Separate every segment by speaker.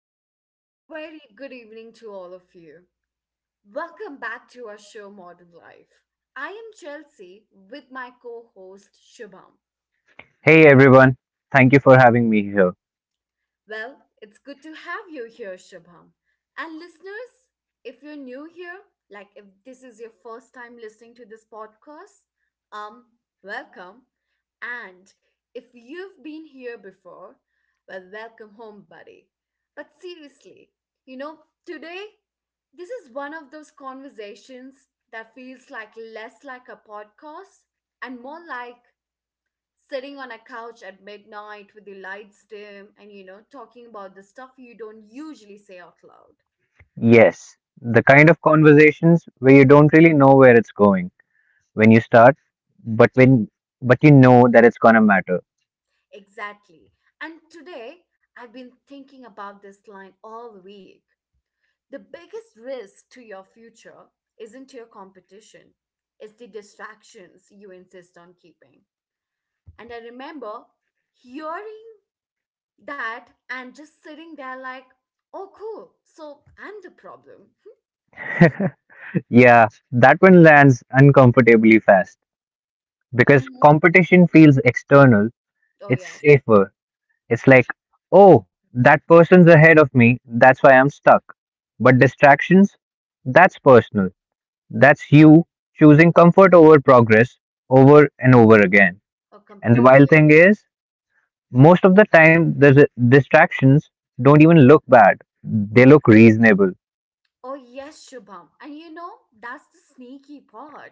Speaker 1: listeners. A very good evening to all of you. Welcome back to our show, Modern Life. I am Chelsea with my co host, Shubham.
Speaker 2: Hey everyone, thank you for having me here.
Speaker 1: Well, it's good to have you here, Shubham. And listeners, if you're new here, like if this is your first time listening to this podcast, um, welcome. And if you've been here before, well, welcome home, buddy. But seriously, you know, today, this is one of those conversations that feels like less like a podcast and more like sitting on a couch at midnight with the lights dim and talking about the stuff you don't usually say out loud.
Speaker 2: Yes, the kind of conversations where you don't really know where it's going when you start, but when but you know that it's gonna matter.
Speaker 1: Exactly. And today I've been thinking about this line all week. The biggest risk to your future isn't your competition, it's the distractions you insist on keeping. And I remember hearing that and just sitting there like, oh cool, so I'm the problem.
Speaker 2: Yeah, that one lands uncomfortably fast because
Speaker 1: Mhm.
Speaker 2: competition feels external,
Speaker 1: Oh
Speaker 2: it's
Speaker 1: yes.
Speaker 2: safer. It's like, oh, that person's ahead of me, that's why I'm stuck. But distractions, that's personal. That's you choosing comfort over progress over and over again.
Speaker 1: Oh
Speaker 2: And the wild
Speaker 1: completely.
Speaker 2: thing is, most of the time, distractions don't even look bad. They look reasonable.
Speaker 1: Oh, yes, Shubham. And you know, that's the sneaky part.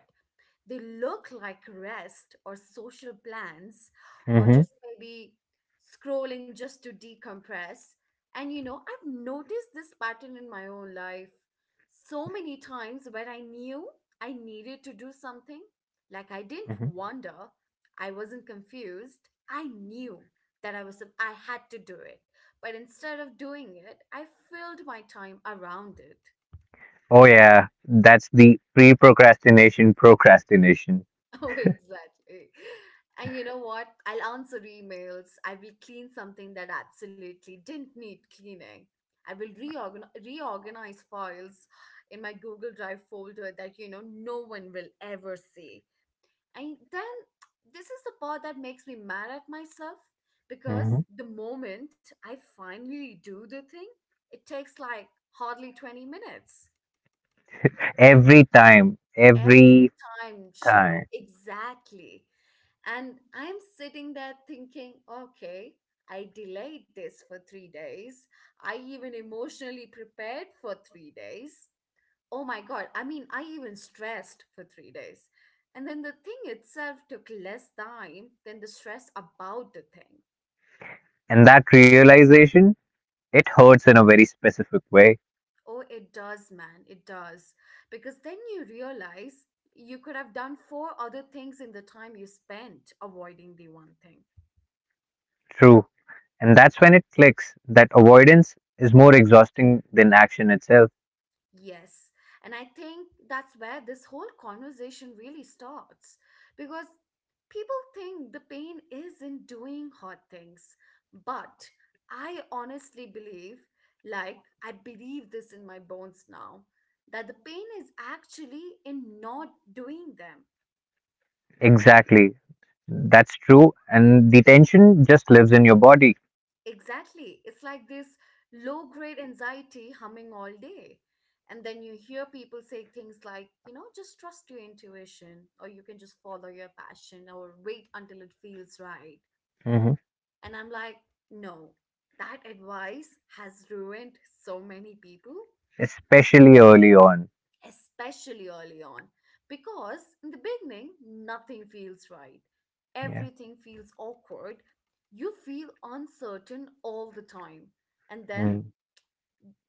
Speaker 1: They look like rest or social plans or
Speaker 2: Mm-hmm.
Speaker 1: just maybe scrolling just to decompress. And you know, I've noticed this pattern in my own life so many times where I knew I needed to do something. Like I didn't
Speaker 2: Mm-hmm.
Speaker 1: wonder, I wasn't confused. I knew that I had to do it. But instead of doing it, I filled my time around it.
Speaker 2: Oh, yeah, that's the pre procrastination procrastination.
Speaker 1: Oh, exactly. And you know what? I'll answer emails. I will clean something that absolutely didn't need cleaning. I will reorganize files in my Google Drive folder that no one will ever see. And then this is the part that makes me mad at myself because
Speaker 2: Mm-hmm.
Speaker 1: the moment I finally do the thing, it takes like hardly 20 minutes.
Speaker 2: Every time,
Speaker 1: Every
Speaker 2: every
Speaker 1: time,
Speaker 2: time.
Speaker 1: Shubham. Exactly. And I'm sitting there thinking, okay, I delayed this for 3 days. I even emotionally prepared for 3 days. Oh my God, I mean, I even stressed for 3 days. And then the thing itself took less time than the stress about the thing.
Speaker 2: And that realization, it hurts in a very specific way.
Speaker 1: Oh, it does, man, it does. Because then you realize you could have done four other things in the time you spent avoiding the one thing.
Speaker 2: True. And that's when it clicks that avoidance is more exhausting than action itself.
Speaker 1: Yes. And I think that's where this whole conversation really starts because people think the pain is in doing hard things. But I honestly believe, like, I believe this in my bones now, that the pain is actually in not doing them.
Speaker 2: Exactly. That's true. And the tension just lives in your body.
Speaker 1: Exactly. It's like this low grade anxiety humming all day. And then you hear people say things like, you know, just trust your intuition, or you can just follow your passion, or wait until it feels right. And I'm like, no, that advice has ruined so many people,
Speaker 2: Especially early on.
Speaker 1: especially early on, because in the beginning, nothing feels right.
Speaker 2: Yeah.
Speaker 1: Everything feels awkward. You feel uncertain all the time. And then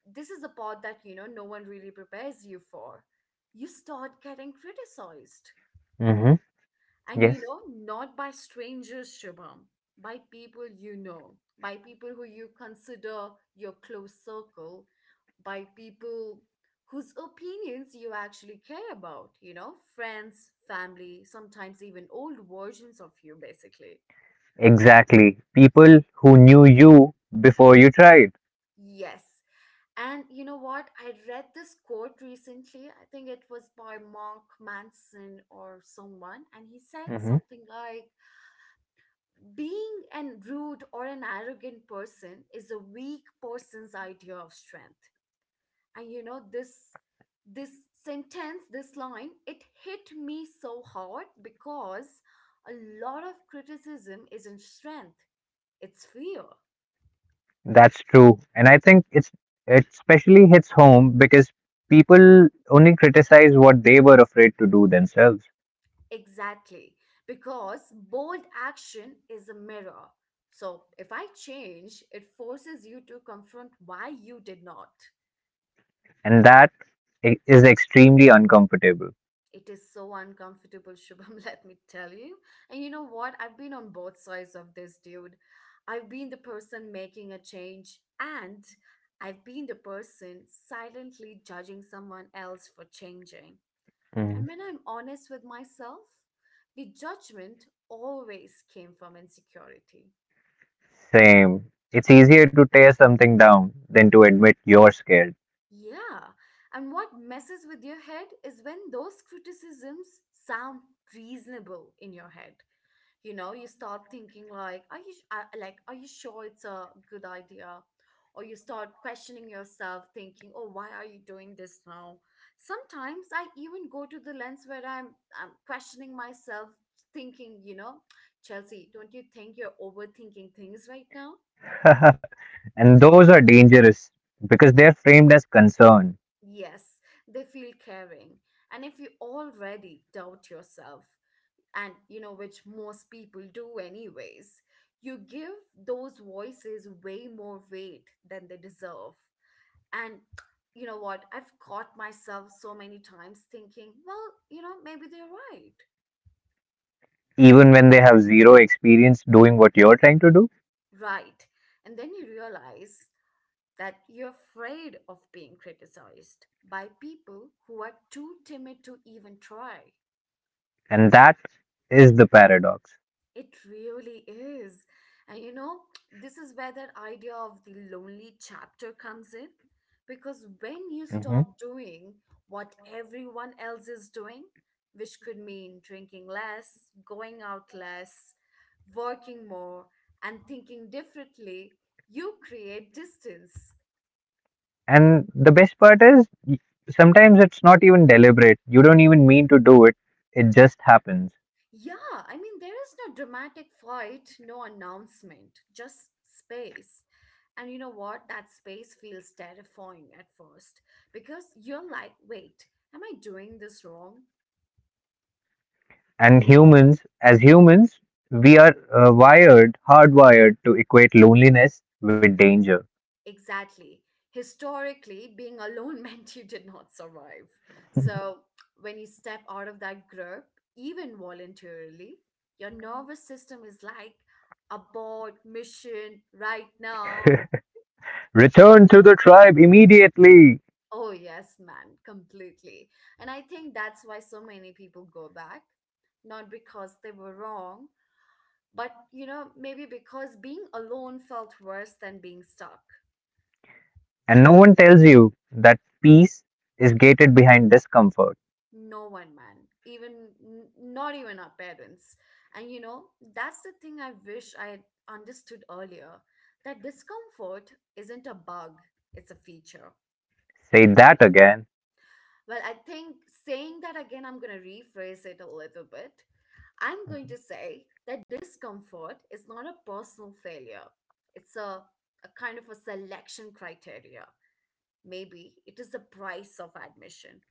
Speaker 1: this is the part that no one really prepares you for. You start getting criticized,
Speaker 2: Mm-hmm.
Speaker 1: and
Speaker 2: Yes,
Speaker 1: not by strangers, Shubham. By people you know, by people who you consider your close circle, by people whose opinions you actually care about, friends, family, sometimes even old versions of you basically.
Speaker 2: exactly. People who knew you before you tried.
Speaker 1: Yes. And you know what? I read this quote recently. I think it was by Mark Manson or someone. And he said
Speaker 2: Mm-hmm.
Speaker 1: something like being an rude or an arrogant person is a weak person's idea of strength. And you know, this sentence, this line, it hit me so hard because a lot of criticism isn't strength, it's fear.
Speaker 2: That's true. And I think it especially hits home because people only criticize what they were afraid to do themselves.
Speaker 1: Exactly, because bold action is a mirror. So if I change, it forces you to confront why you did not.
Speaker 2: And that is extremely uncomfortable.
Speaker 1: It is so uncomfortable, Shubham, let me tell you. And you know what? I've been on both sides of this, dude. I've been the person making a change, and I've been the person silently judging someone else for changing.
Speaker 2: Mm-hmm.
Speaker 1: And when I'm honest with myself, the judgment always came from insecurity.
Speaker 2: Same. It's easier to tear something down than to admit you're scared.
Speaker 1: Yeah, and what messes with your head is when those criticisms sound reasonable in your head. You know, you start thinking like, are you sure it's a good idea? Or you start questioning yourself, thinking, oh, why are you doing this now? Sometimes I even go to the lens where I'm questioning myself, thinking, you know, Chelsea, don't you think you're overthinking things right now?
Speaker 2: and those are dangerous because they're framed as concern.
Speaker 1: Yes, they feel caring. And if you already doubt yourself, and you know, which most people do anyways, you give those voices way more weight than they deserve. And you know what? I've caught myself so many times thinking, well, you know, maybe they're right.
Speaker 2: Even when they have zero experience doing what you're trying to do.
Speaker 1: Right. And then you realize that you're afraid of being criticized by people who are too timid to even try.
Speaker 2: And that is the paradox.
Speaker 1: It really is. And you know, this is where that idea of the lonely chapter comes in. Because when you
Speaker 2: Hmm.
Speaker 1: stop doing what everyone else is doing, which could mean drinking less, going out less, working more, and thinking differently, you create distance.
Speaker 2: And the best part is, sometimes it's not even deliberate. You don't even mean to do it, it just happens.
Speaker 1: Yeah, I mean, there is no dramatic fight, no announcement, just space. And you know what? That space feels terrifying at first because you're like, wait, am I doing this wrong?
Speaker 2: And humans, as humans, we are wired, hardwired to equate loneliness with danger.
Speaker 1: Exactly. Historically, being alone meant you did not survive. So when you step out of that group, even voluntarily, your nervous system is like, abort mission right now.
Speaker 2: Return to the tribe immediately.
Speaker 1: Oh, yes, man, completely. And I think that's why so many people go back. Not because they were wrong, but you know, maybe because being alone felt worse than being stuck.
Speaker 2: And no one tells you that peace is gated behind discomfort.
Speaker 1: No one, man, even not even our parents. And you know, that's the thing I wish I had understood earlier that discomfort isn't a bug, it's a feature.
Speaker 2: Say that again.
Speaker 1: Well, I think saying that again, I'm gonna rephrase it a little bit. I'm going to say that discomfort is not a personal failure. It's a kind of a selection criteria. Maybe it is the price of admission.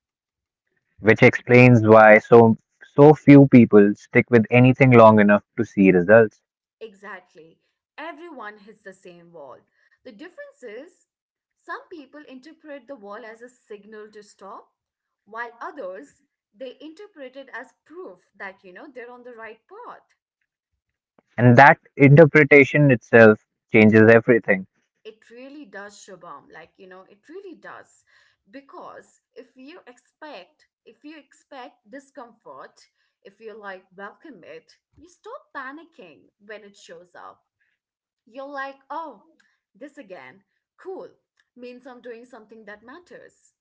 Speaker 2: Which explains why so few people stick with anything long enough to see results.
Speaker 1: Exactly. Everyone hits the same wall. The difference is some people interpret the wall as a signal to stop, while others they interpret it as proof that they're on the right path.
Speaker 2: And that interpretation itself changes everything.
Speaker 1: It really does, Shabam, like you know, it really does. Because if you expect, discomfort, if you like welcome it, you stop panicking when it shows up. You're like, oh, this again, cool, means I'm doing something that matters.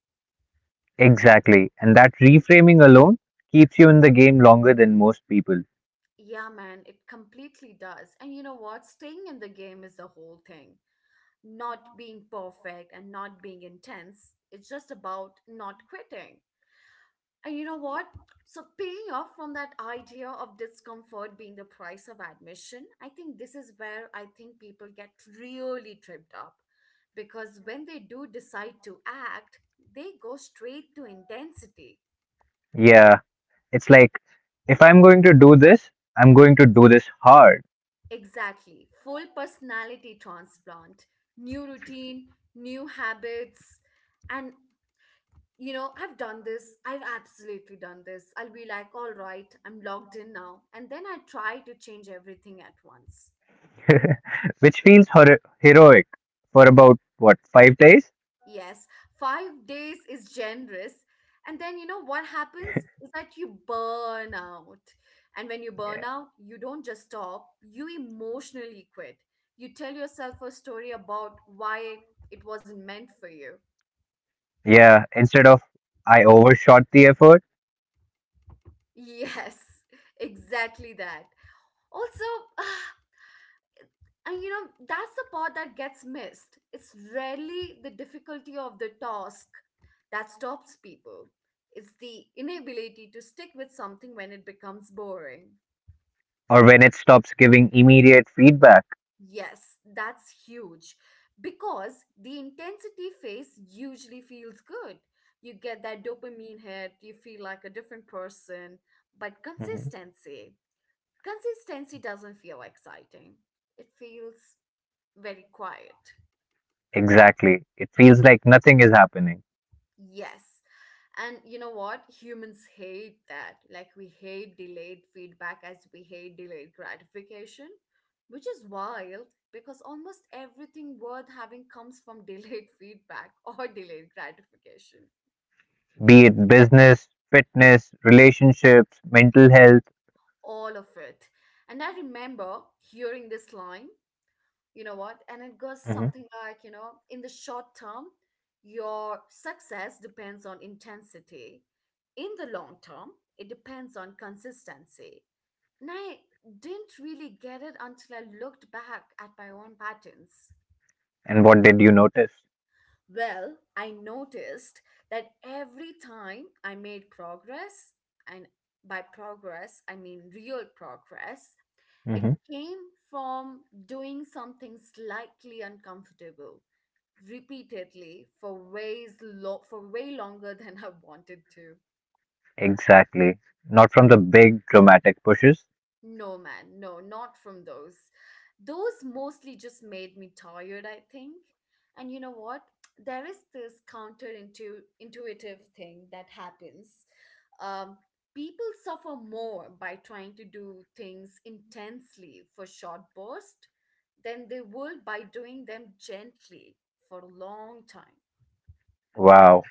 Speaker 2: Exactly. And that reframing alone keeps you in the game longer than most people.
Speaker 1: Yeah man, it completely does. And you know what, staying in the game is the whole thing, not being perfect and not being intense, it's just about not quitting. And you know what? So, paying off from that idea of discomfort being the price of admission, I think this is where I think people get really tripped up. Because when they do decide to act, they go straight to intensity.
Speaker 2: Yeah, it's like if I'm going to do this, I'm going to do this hard,
Speaker 1: Exactly. Full personality transplant, new routine, new habits. And, you know, I've done this. I've absolutely done this. I'll be like, all right, I'm logged in now. And then I try to change everything at once.
Speaker 2: which feels heroic for about what, 5 days?
Speaker 1: Yes, 5 days is generous. And then you know what happens is that you burn out. And when you burn
Speaker 2: Yeah.
Speaker 1: out, you don't just stop, you emotionally quit. You tell yourself a story about why it wasn't meant for you.
Speaker 2: Yeah, instead of I overshot the effort
Speaker 1: Yes, exactly that. Also, and you know, that's the part that gets missed. It's rarely the difficulty of the task that stops people, it's the inability to stick with something when it becomes boring.
Speaker 2: or when it stops giving immediate feedback.
Speaker 1: Yes, that's huge because the intensity phase usually feels good. You get that dopamine hit, you feel like a different person, but
Speaker 2: Mhm.
Speaker 1: consistency, consistency doesn't feel exciting. It feels very quiet.
Speaker 2: Exactly. It feels like nothing is happening,
Speaker 1: Yes. And you know what? Humans hate that. Like, we hate delayed feedback as we hate delayed gratification, which is wild because almost everything worth having comes from delayed feedback or delayed gratification.
Speaker 2: be it business, fitness, relationships, mental health.
Speaker 1: All of it. And I remember hearing this line. You know what, and it goes
Speaker 2: Mhm.
Speaker 1: something like, you know, in the short term your success depends on intensity, in the long term it depends on consistency. And I didn't really get it until I looked back at my own patterns.
Speaker 2: And what did you notice?
Speaker 1: Well, I noticed that every time I made progress, and by progress I mean real progress, it
Speaker 2: Mhm.
Speaker 1: came from doing something slightly uncomfortable repeatedly for for way longer than I wanted to.
Speaker 2: Exactly. Not from the big dramatic pushes.
Speaker 1: No, man, no, not from those. Those mostly just made me tired, I think. And you know what? There is this intuitive thing that happens. Um, people suffer more by trying to do things intensely for short bursts, than they would by doing them gently for a long time.
Speaker 2: Wow.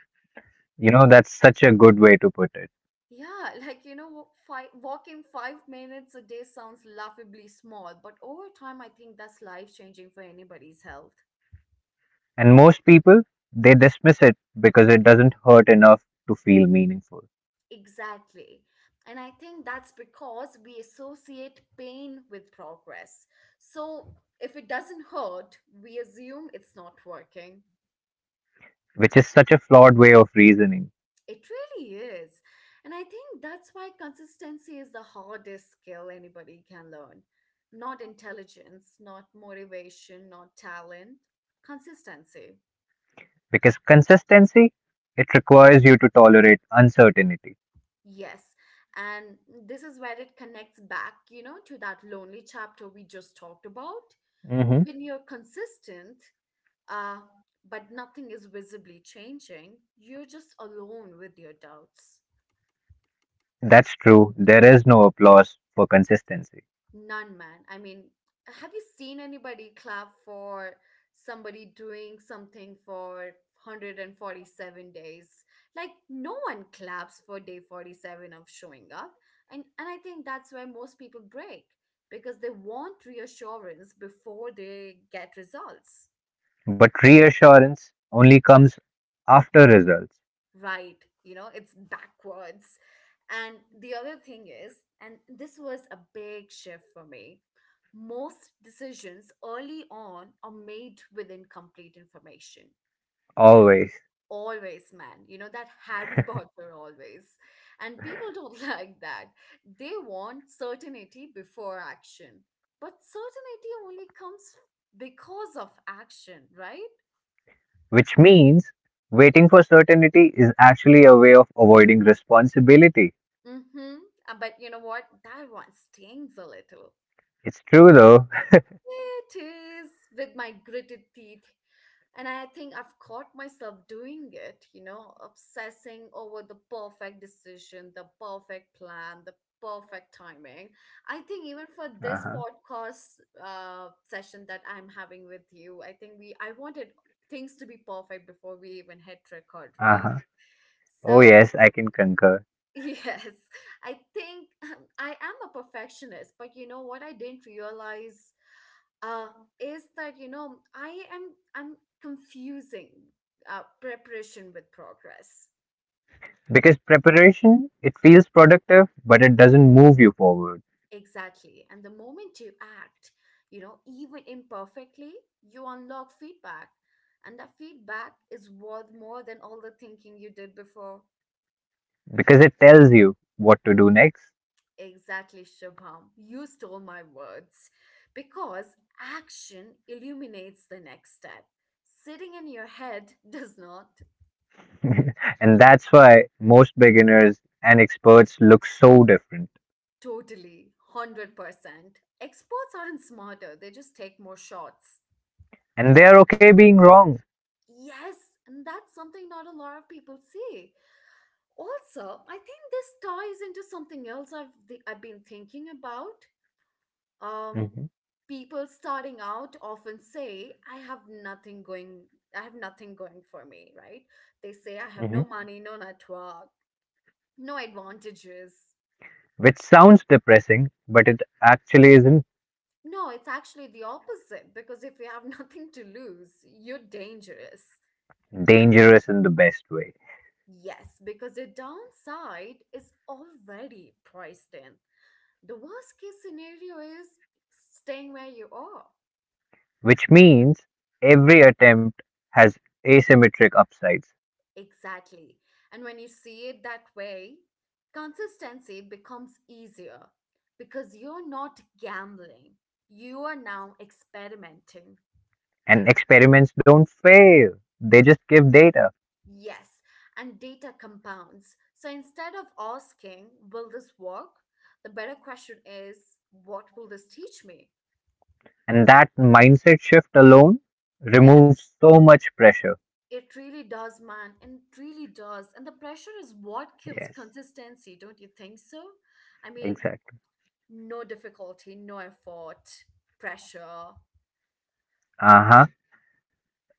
Speaker 2: You know, that's such a good way to put it.
Speaker 1: Yeah, like you know, walking 5 minutes a day sounds laughably small, but over time, I think that's life changing for anybody's health.
Speaker 2: And most people, they dismiss it because it doesn't hurt enough to feel meaningful,
Speaker 1: Exactly. And I think that's because we associate pain with progress. So if it doesn't hurt, we assume it's not working.
Speaker 2: which is such a flawed way of reasoning.
Speaker 1: It really is. And I think that's why consistency is the hardest skill anybody can learn. Not intelligence, not motivation, not talent. Consistency.
Speaker 2: Because consistency, it requires you to tolerate uncertainty.
Speaker 1: Yes. And this is where it connects back, you know, to that lonely chapter we just talked about.
Speaker 2: Mhm.
Speaker 1: When you're consistent, uh, but nothing is visibly changing, you're just alone with your doubts.
Speaker 2: That's true, there is no applause for consistency.
Speaker 1: None, man. I mean, have you seen anybody clap for somebody doing something for 147 days? Like, no one claps for day 47 of showing up. And I think that's where most people break because they want reassurance before they get results.
Speaker 2: But reassurance only comes after results,
Speaker 1: Right, you know, it's backwards. And the other thing is, and this was a big shift for me, most decisions early on are made with incomplete information.
Speaker 2: always.
Speaker 1: Always, man. You know, that Harry Potter always. And people don't like that. They want certainty before action, but certainty only comes because of action, right?
Speaker 2: Which means waiting for certainty is actually a way of avoiding responsibility.
Speaker 1: Mm-hmm. But you know what, that one stings a little.
Speaker 2: It's true though.
Speaker 1: It is, with my gritted teeth. And I think I've caught myself doing it, you know, obsessing over the perfect decision, the perfect plan, the perfect timing. I think even for this
Speaker 2: Uh-huh.
Speaker 1: podcast session that I'm having with you, I think we I wanted things to be perfect before we even hit record, right?
Speaker 2: Uh-huh. Oh
Speaker 1: So
Speaker 2: yes, I can concur.
Speaker 1: yes, I think I am a perfectionist, but you know what I didn't realize, uh, is that, you know, I'm confusing preparation with progress.
Speaker 2: Because preparation, it feels productive, but it doesn't move you forward
Speaker 1: Exactly. And the moment you act, you know, even imperfectly, you unlock feedback, and that feedback is worth more than all the thinking you did before.
Speaker 2: because it tells you what to do next.
Speaker 1: Exactly, Shubham, you stole my words, because action illuminates the next step. Sitting in your head does not.
Speaker 2: and that's why most beginners and experts look so different.
Speaker 1: Totally, 100%. Experts aren't smarter, they just take more shots.
Speaker 2: And they are okay being wrong.
Speaker 1: Yes, and that's something not a lot of people see. Also, I think this ties into something else I've been thinking about. Um,
Speaker 2: Hmm.
Speaker 1: People starting out often say, "I have nothing going. I have nothing going for me." Right? They say, "I have no
Speaker 2: Hmm.
Speaker 1: money, no network, no advantages."
Speaker 2: Which sounds depressing, but it actually isn't.
Speaker 1: No, it's actually the opposite, because if you have nothing to lose, you're dangerous.
Speaker 2: Dangerous in the best way,
Speaker 1: Yes, because the downside is already priced in. The worst case scenario is staying where you are.
Speaker 2: which means every attempt has asymmetric upsides,
Speaker 1: Exactly. And when you see it that way, consistency becomes easier because you're not gambling. You are now experimenting.
Speaker 2: and experiments don't fail, they just give data.
Speaker 1: Yes, and data compounds. So instead of asking, will this work? The better question is, what will this teach me?
Speaker 2: And that mindset shift alone
Speaker 1: Yes,
Speaker 2: removes so much pressure.
Speaker 1: it really does, man. And it really does. And the pressure is what kills
Speaker 2: Yes,
Speaker 1: consistency, don't you think so? I mean,
Speaker 2: exactly.
Speaker 1: no difficulty, no effort, pressure.
Speaker 2: Uh huh.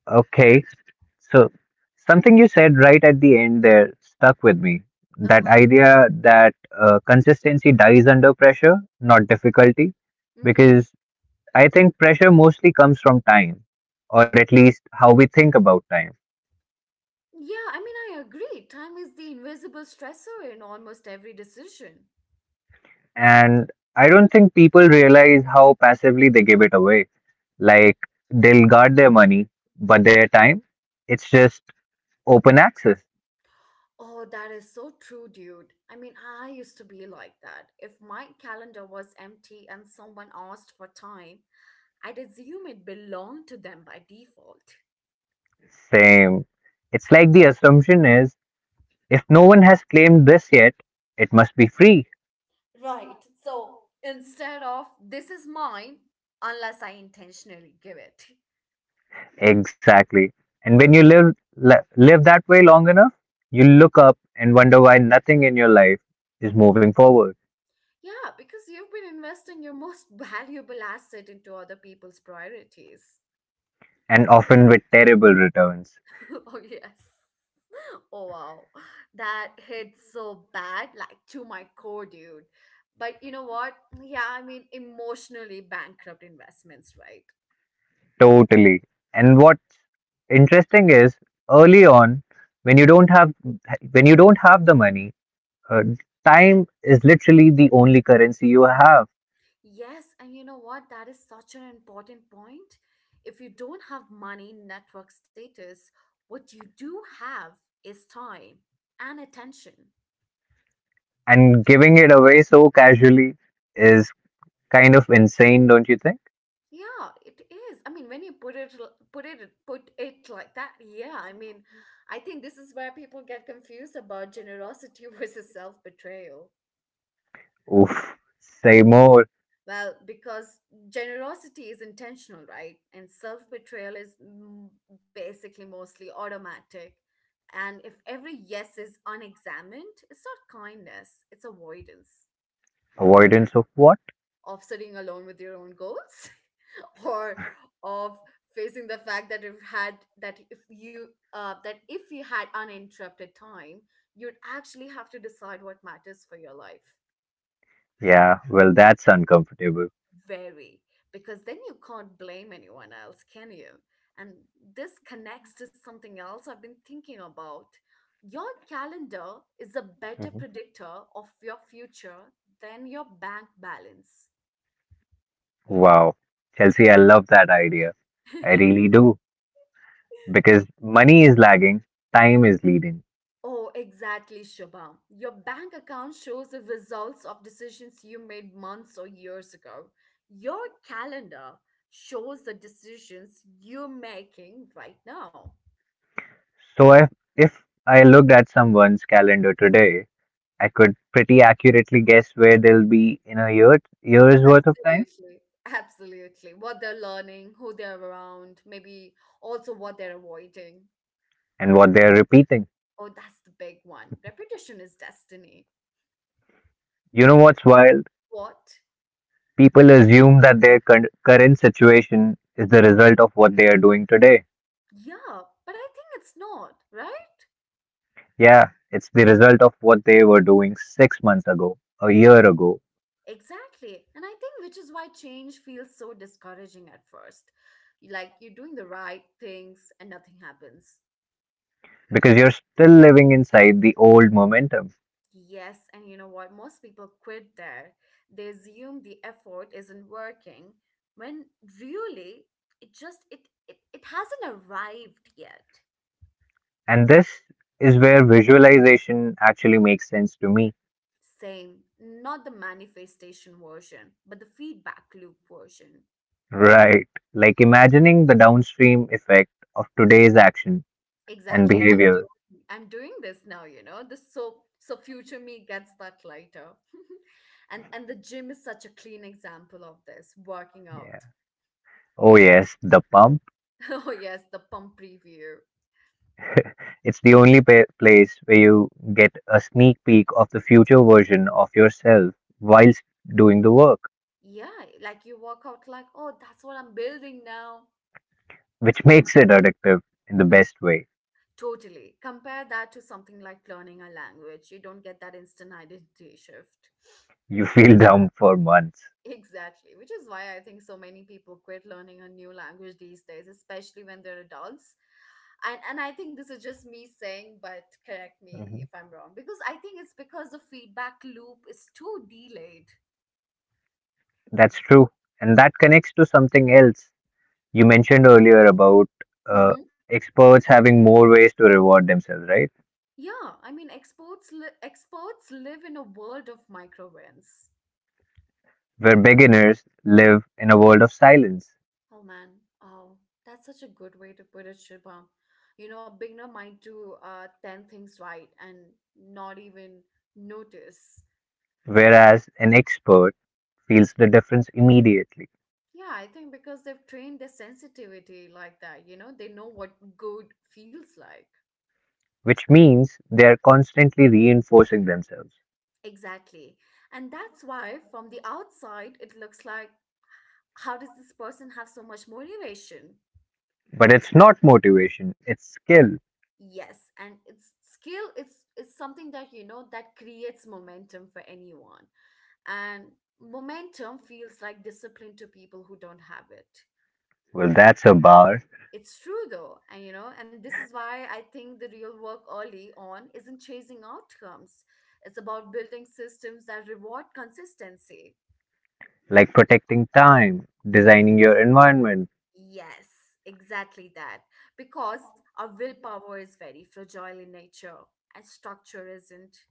Speaker 2: Okay. So something you said right at the end there stuck with me.
Speaker 1: Uh
Speaker 2: That
Speaker 1: huh.
Speaker 2: idea that consistency dies under pressure, not difficulty,
Speaker 1: Mm hmm.
Speaker 2: because I think pressure mostly comes from time, or
Speaker 1: Mm hmm.
Speaker 2: at least how we think about time.
Speaker 1: Yeah, I mean, I agree. Time is the invisible stressor in almost every decision.
Speaker 2: And I don't think people realize how passively they give it away. Like they'll guard their money, but their time, it's just open access.
Speaker 1: Oh, that is so true, dude. I mean, I used to be like that. If my calendar was empty and someone asked for time, I'd assume it belonged to them by default.
Speaker 2: Same. It's like the assumption is, if no one has claimed this yet, it must be free.
Speaker 1: Right. So, instead of this is mine unless I intentionally give it.
Speaker 2: Exactly. And when you live that way long enough, you look up and wonder why nothing in your life is moving forward,
Speaker 1: Yeah, because you've been investing your most valuable asset into other people's priorities.
Speaker 2: and often with terrible returns.
Speaker 1: Oh, yes. Oh, wow. That hit so bad, like to my core, dude. But you know what? Yeah, I mean, emotionally bankrupt investments, right?
Speaker 2: Totally. And what's interesting is early on, when you don't have the money, uh, time is literally the only currency you have,
Speaker 1: Yes, and you know what? That is such an important point. If you don't have money, network status, what you do have is time and attention.
Speaker 2: and giving it away so casually is kind of insane, don't you think?
Speaker 1: Yeah, it is. I mean, when you put it l- put it like that, yeah, I mean, I think this is where people get confused about generosity versus self-betrayal.
Speaker 2: Oof, say more.
Speaker 1: Well, because generosity is intentional, right? And self betrayal is basically mostly automatic. And if every yes is unexamined, it's not kindness, it's avoidance
Speaker 2: Avoidance of what?
Speaker 1: of sitting alone with your own goals or of facing the fact that if had that if you that if you had uninterrupted time, you'd actually have to decide what matters for your life.
Speaker 2: Yeah, well, that's uncomfortable.
Speaker 1: Vary, because then you can't blame anyone else, can you? And this connects to something else I've been thinking about. Your calendar is a better
Speaker 2: Hmm.
Speaker 1: predictor of your future than your bank balance.
Speaker 2: Wow. Chelsea, I love that idea. I really do. Because money is lagging, time is leading.
Speaker 1: Oh, exactly, Shubham. Your bank account shows the results of decisions you made months or years ago. Your calendar shows the decisions you're making right now.
Speaker 2: So if I looked at someone's calendar today, I could pretty accurately guess where they'll be in a year, year's worth of time
Speaker 1: Absolutely. Absolutely. What they're learning, who they're around, maybe also what they're avoiding.
Speaker 2: and what they're repeating.
Speaker 1: Oh, that's the big one. Repetition is destiny.
Speaker 2: You know what's wild?
Speaker 1: What?
Speaker 2: People assume that their current situation is the result of what they are doing today.
Speaker 1: Yeah, but I think it's not, right?
Speaker 2: Yeah, it's the result of what they were doing 6 months ago, a year ago,
Speaker 1: Exactly. And I think which is why change feels so discouraging at first. Like you're doing the right things and nothing happens.
Speaker 2: because you're still living inside the old momentum.
Speaker 1: Yes, and you know what? Most people quit there. They assume the effort isn't working when really it just it it, it hasn't arrived yet.
Speaker 2: And this is where visualization actually makes sense to me.
Speaker 1: Same, not the manifestation version, but the feedback loop version.
Speaker 2: Right. Like imagining the downstream effect of today's action and
Speaker 1: Exactly. I'm
Speaker 2: behavior.
Speaker 1: doing I'm doing this now, you know. This so future me gets that later. And the gym is such a clean example of this, working out.
Speaker 2: Yeah. Oh, yes, the pump.
Speaker 1: Oh yes, the pump preview.
Speaker 2: It's the only place where you get a sneak peek of the future version of yourself whilst doing the work,
Speaker 1: Yeah, like you walk out like, oh, that's what I'm building now.
Speaker 2: which makes it addictive in the best way.
Speaker 1: Totally. Compare that to something like learning a language. You don't get that instant identity shift.
Speaker 2: You feel dumb for months.
Speaker 1: Exactly, which is why I think so many people quit learning a new language these days, especially when they're adults. And I think this is just me saying, but correct me if
Speaker 2: Mhm.
Speaker 1: I'm wrong, because I think it's because the feedback loop is too delayed.
Speaker 2: That's true. And that connects to something else you mentioned earlier about uh,
Speaker 1: Mm-hmm.
Speaker 2: experts having more ways to reward themselves, right?
Speaker 1: Yeah, I mean, experts live in a world of micro wins.
Speaker 2: Where beginners live in a world of silence,
Speaker 1: Oh man, oh, that's such a good way to put it, Shubham. You know, a beginner might do 10 things right and not even notice.
Speaker 2: whereas an expert feels the difference immediately,
Speaker 1: Yeah, I think because they've trained their sensitivity like that, you know, they know what good feels like.
Speaker 2: which means they are constantly reinforcing themselves.
Speaker 1: Exactly. And that's why from the outside, it looks like, how does this person have so much motivation?
Speaker 2: But it's not motivation, it's skill.
Speaker 1: Yes, and it's skill, it's something that, you know, that creates momentum for anyone. And momentum feels like discipline to people who don't have it.
Speaker 2: Well, that's a bar.
Speaker 1: It's true though. And, you know, and this is why I think the real work early on isn't chasing outcomes, it's about building systems that reward consistency.
Speaker 2: Like protecting time, designing your environment,
Speaker 1: Yes, exactly that, because our willpower is very fragile in nature, and structure isn't.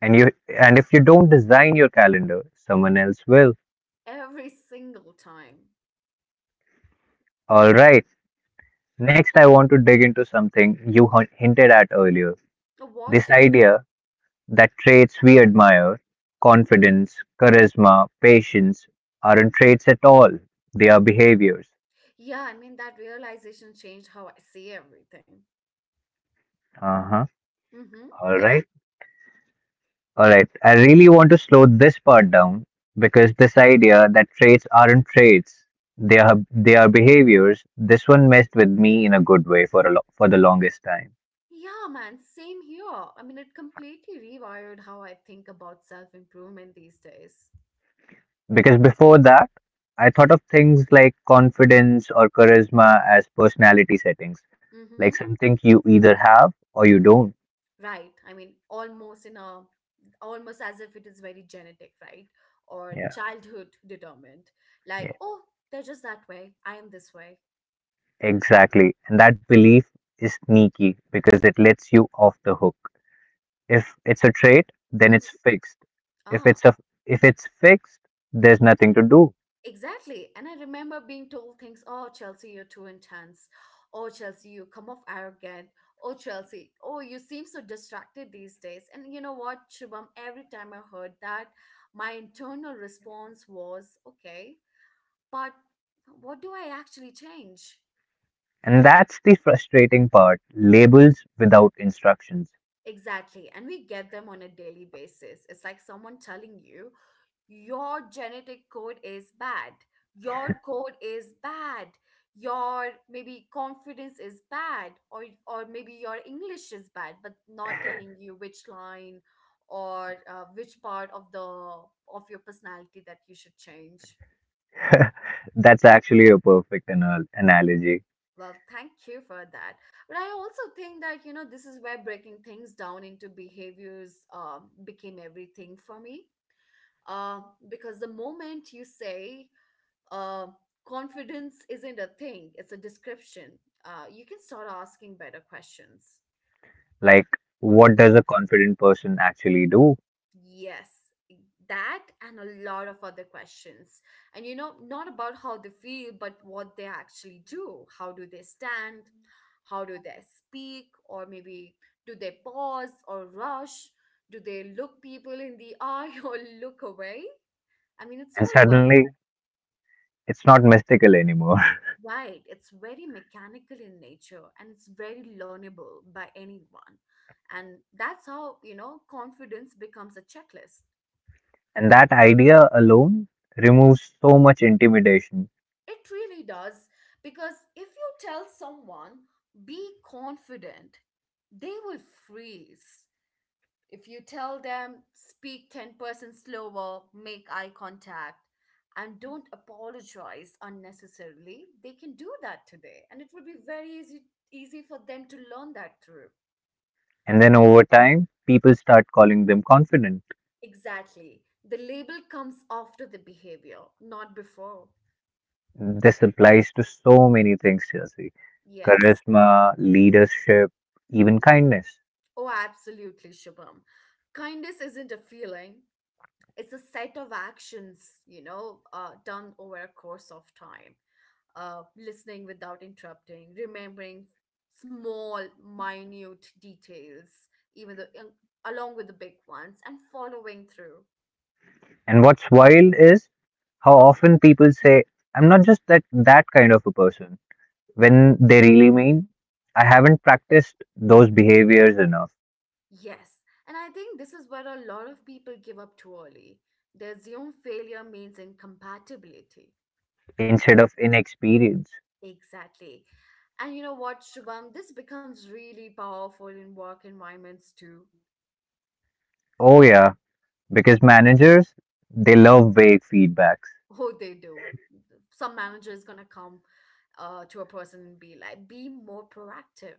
Speaker 2: and you and if you don't design your calendar, someone else will.
Speaker 1: Every single time.
Speaker 2: All right. Next, I want to dig into something you hinted at earlier. This
Speaker 1: What?
Speaker 2: idea that traits we admire, confidence, charisma, patience, aren't traits at all. They are behaviors.
Speaker 1: Yeah, I mean, that realization changed how I see everything.
Speaker 2: Uh huh.
Speaker 1: Mm-hmm.
Speaker 2: All
Speaker 1: Yeah.
Speaker 2: right. All right. I really want to slow this part down because this idea that traits aren't traits, they are behaviors. This one messed with me in a good way for a for the longest time.
Speaker 1: Yeah, man, same here. I mean, it completely rewired how I think about self-improvement these days.
Speaker 2: Because before that, I thought of things like confidence or charisma as personality settings,
Speaker 1: Mm-hmm.
Speaker 2: like something you either have or you don't.
Speaker 1: Right. I mean, almost in a almost as if it is very genetic, right? Or
Speaker 2: Yeah,
Speaker 1: childhood determined. Like,
Speaker 2: yeah,
Speaker 1: oh, they're just that way. I am this way.
Speaker 2: exactly. And that belief is sneaky because it lets you off the hook. If it's a trait, then it's
Speaker 1: Mhm.
Speaker 2: fixed. If
Speaker 1: Ah.
Speaker 2: it's a if it's fixed, there's nothing to do.
Speaker 1: Exactly. And I remember being told things, oh, Chelsea, you're too intense. Oh, Chelsea, you come off arrogant. Oh, Chelsea, oh, you seem so distracted these days. And you know what, Shubham, every time I heard that, my internal response was, okay, but what do I actually change?
Speaker 2: And that's the frustrating part, labels without instructions.
Speaker 1: Exactly. And we get them on a daily basis. It's like someone telling you, your genetic code is bad, your code is bad, your maybe confidence is bad, or maybe your english is bad, but not telling you which line or which part of the of your personality that you should change.
Speaker 2: That's actually a perfect analogy.
Speaker 1: Well thank you for that. But I also think that, you know, this is where breaking things down into behaviors became everything for me. uh, because the moment you say, uh, confidence isn't a thing, it's a description. You can start asking better questions.
Speaker 2: Like, what does a confident person actually do?
Speaker 1: Yes, that and a lot of other questions. And, you know, not about how they feel, but what they actually do. How do they stand? How do they speak? Or maybe do they pause or rush? Do they look people in the eye or look away? I mean, it's
Speaker 2: And
Speaker 1: all about
Speaker 2: suddenly, it's not mystical anymore.
Speaker 1: Right, it's very mechanical in nature and it's very learnable by anyone. And that's how, you know, confidence becomes a checklist.
Speaker 2: And that idea alone removes so much intimidation.
Speaker 1: It really does. Because if you tell someone, be confident, they will freeze. If you tell them, speak 10% slower, make eye contact, and don't apologize unnecessarily, they can do that today. And it will be very easy, easy for them to learn that through.
Speaker 2: And then over time, people start calling them confident.
Speaker 1: Exactly. The label comes after the behavior, not before.
Speaker 2: This applies to so many things, Chelsea,
Speaker 1: Yes.
Speaker 2: charisma, leadership, even kindness.
Speaker 1: Oh, absolutely, Shubham. Kindness isn't a feeling, it's a set of actions, you know, done over a course of time. Listening without interrupting, remembering small, minute details, even the, along with the big ones, and following through.
Speaker 2: And what's wild is how often people say, I'm not just that kind of a person, when they really mean, I haven't practiced those behaviors enough.
Speaker 1: Yes, and I think this is where a lot of people give up too early. They assume failure means incompatibility.
Speaker 2: Instead of inexperience.
Speaker 1: Exactly. And you know what, Shubham? This becomes really powerful in work environments too.
Speaker 2: Oh yeah, because managers, they love vague feedbacks.
Speaker 1: Oh, they do. Some manager is gonna come to a person and be like, "Be more proactive,"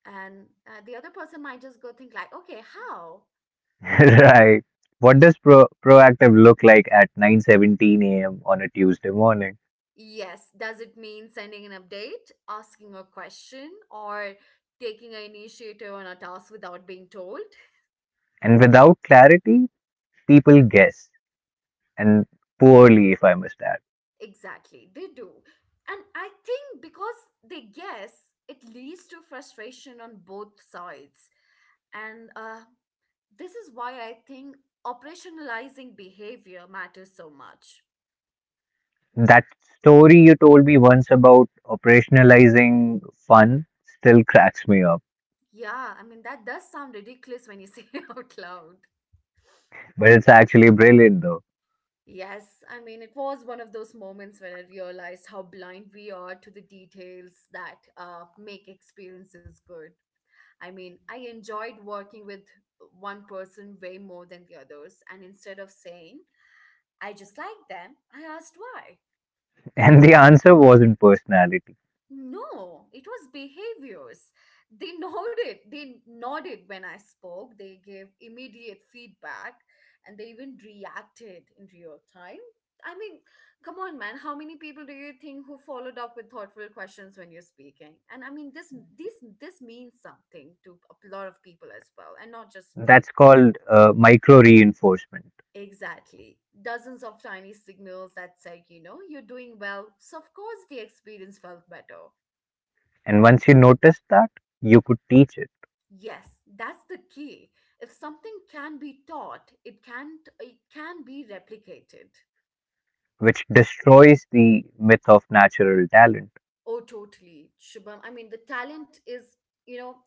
Speaker 1: and the other person might just go think like, "Okay, how?"
Speaker 2: right. What does proactive look like at 9:17 a.m. on a Tuesday morning?
Speaker 1: Yes, does it mean sending an update, asking a question, or taking an initiative on a task without being told?
Speaker 2: And without clarity, people guess and poorly if I must add.
Speaker 1: Exactly, they do. And I think because they guess, it leads to frustration on both sides. And This is why I think operationalizing behavior matters so much.
Speaker 2: That story you told me once about operationalizing fun still cracks me up.
Speaker 1: Yeah, I mean, that does sound ridiculous when you say it out loud.
Speaker 2: But it's actually brilliant though.
Speaker 1: Yes, I mean, it was one of those moments when I realized how blind we are to the details that make experiences good. I mean, I enjoyed working with one person way more than the others, and instead of saying, I just like them, I asked why.
Speaker 2: And the answer wasn't personality.
Speaker 1: No, it was behaviors. They nodded. They nodded when I spoke. They gave immediate feedback and they even reacted in real time. I mean, come on, man. How many people do you think who followed up with thoughtful questions when you're speaking? And I mean, this means something to a lot of people as well, and not just me.
Speaker 2: That's called micro reinforcement.
Speaker 1: Exactly. Dozens of tiny signals that said, you know, you're doing well. So of course the experience felt better.
Speaker 2: And once you noticed that, you could teach it,
Speaker 1: Yes, that's the key. If something can be taught, it can't it can be replicated.
Speaker 2: which destroys the myth of natural talent.
Speaker 1: Oh, totally, Shubham. I mean, the talent is, you know,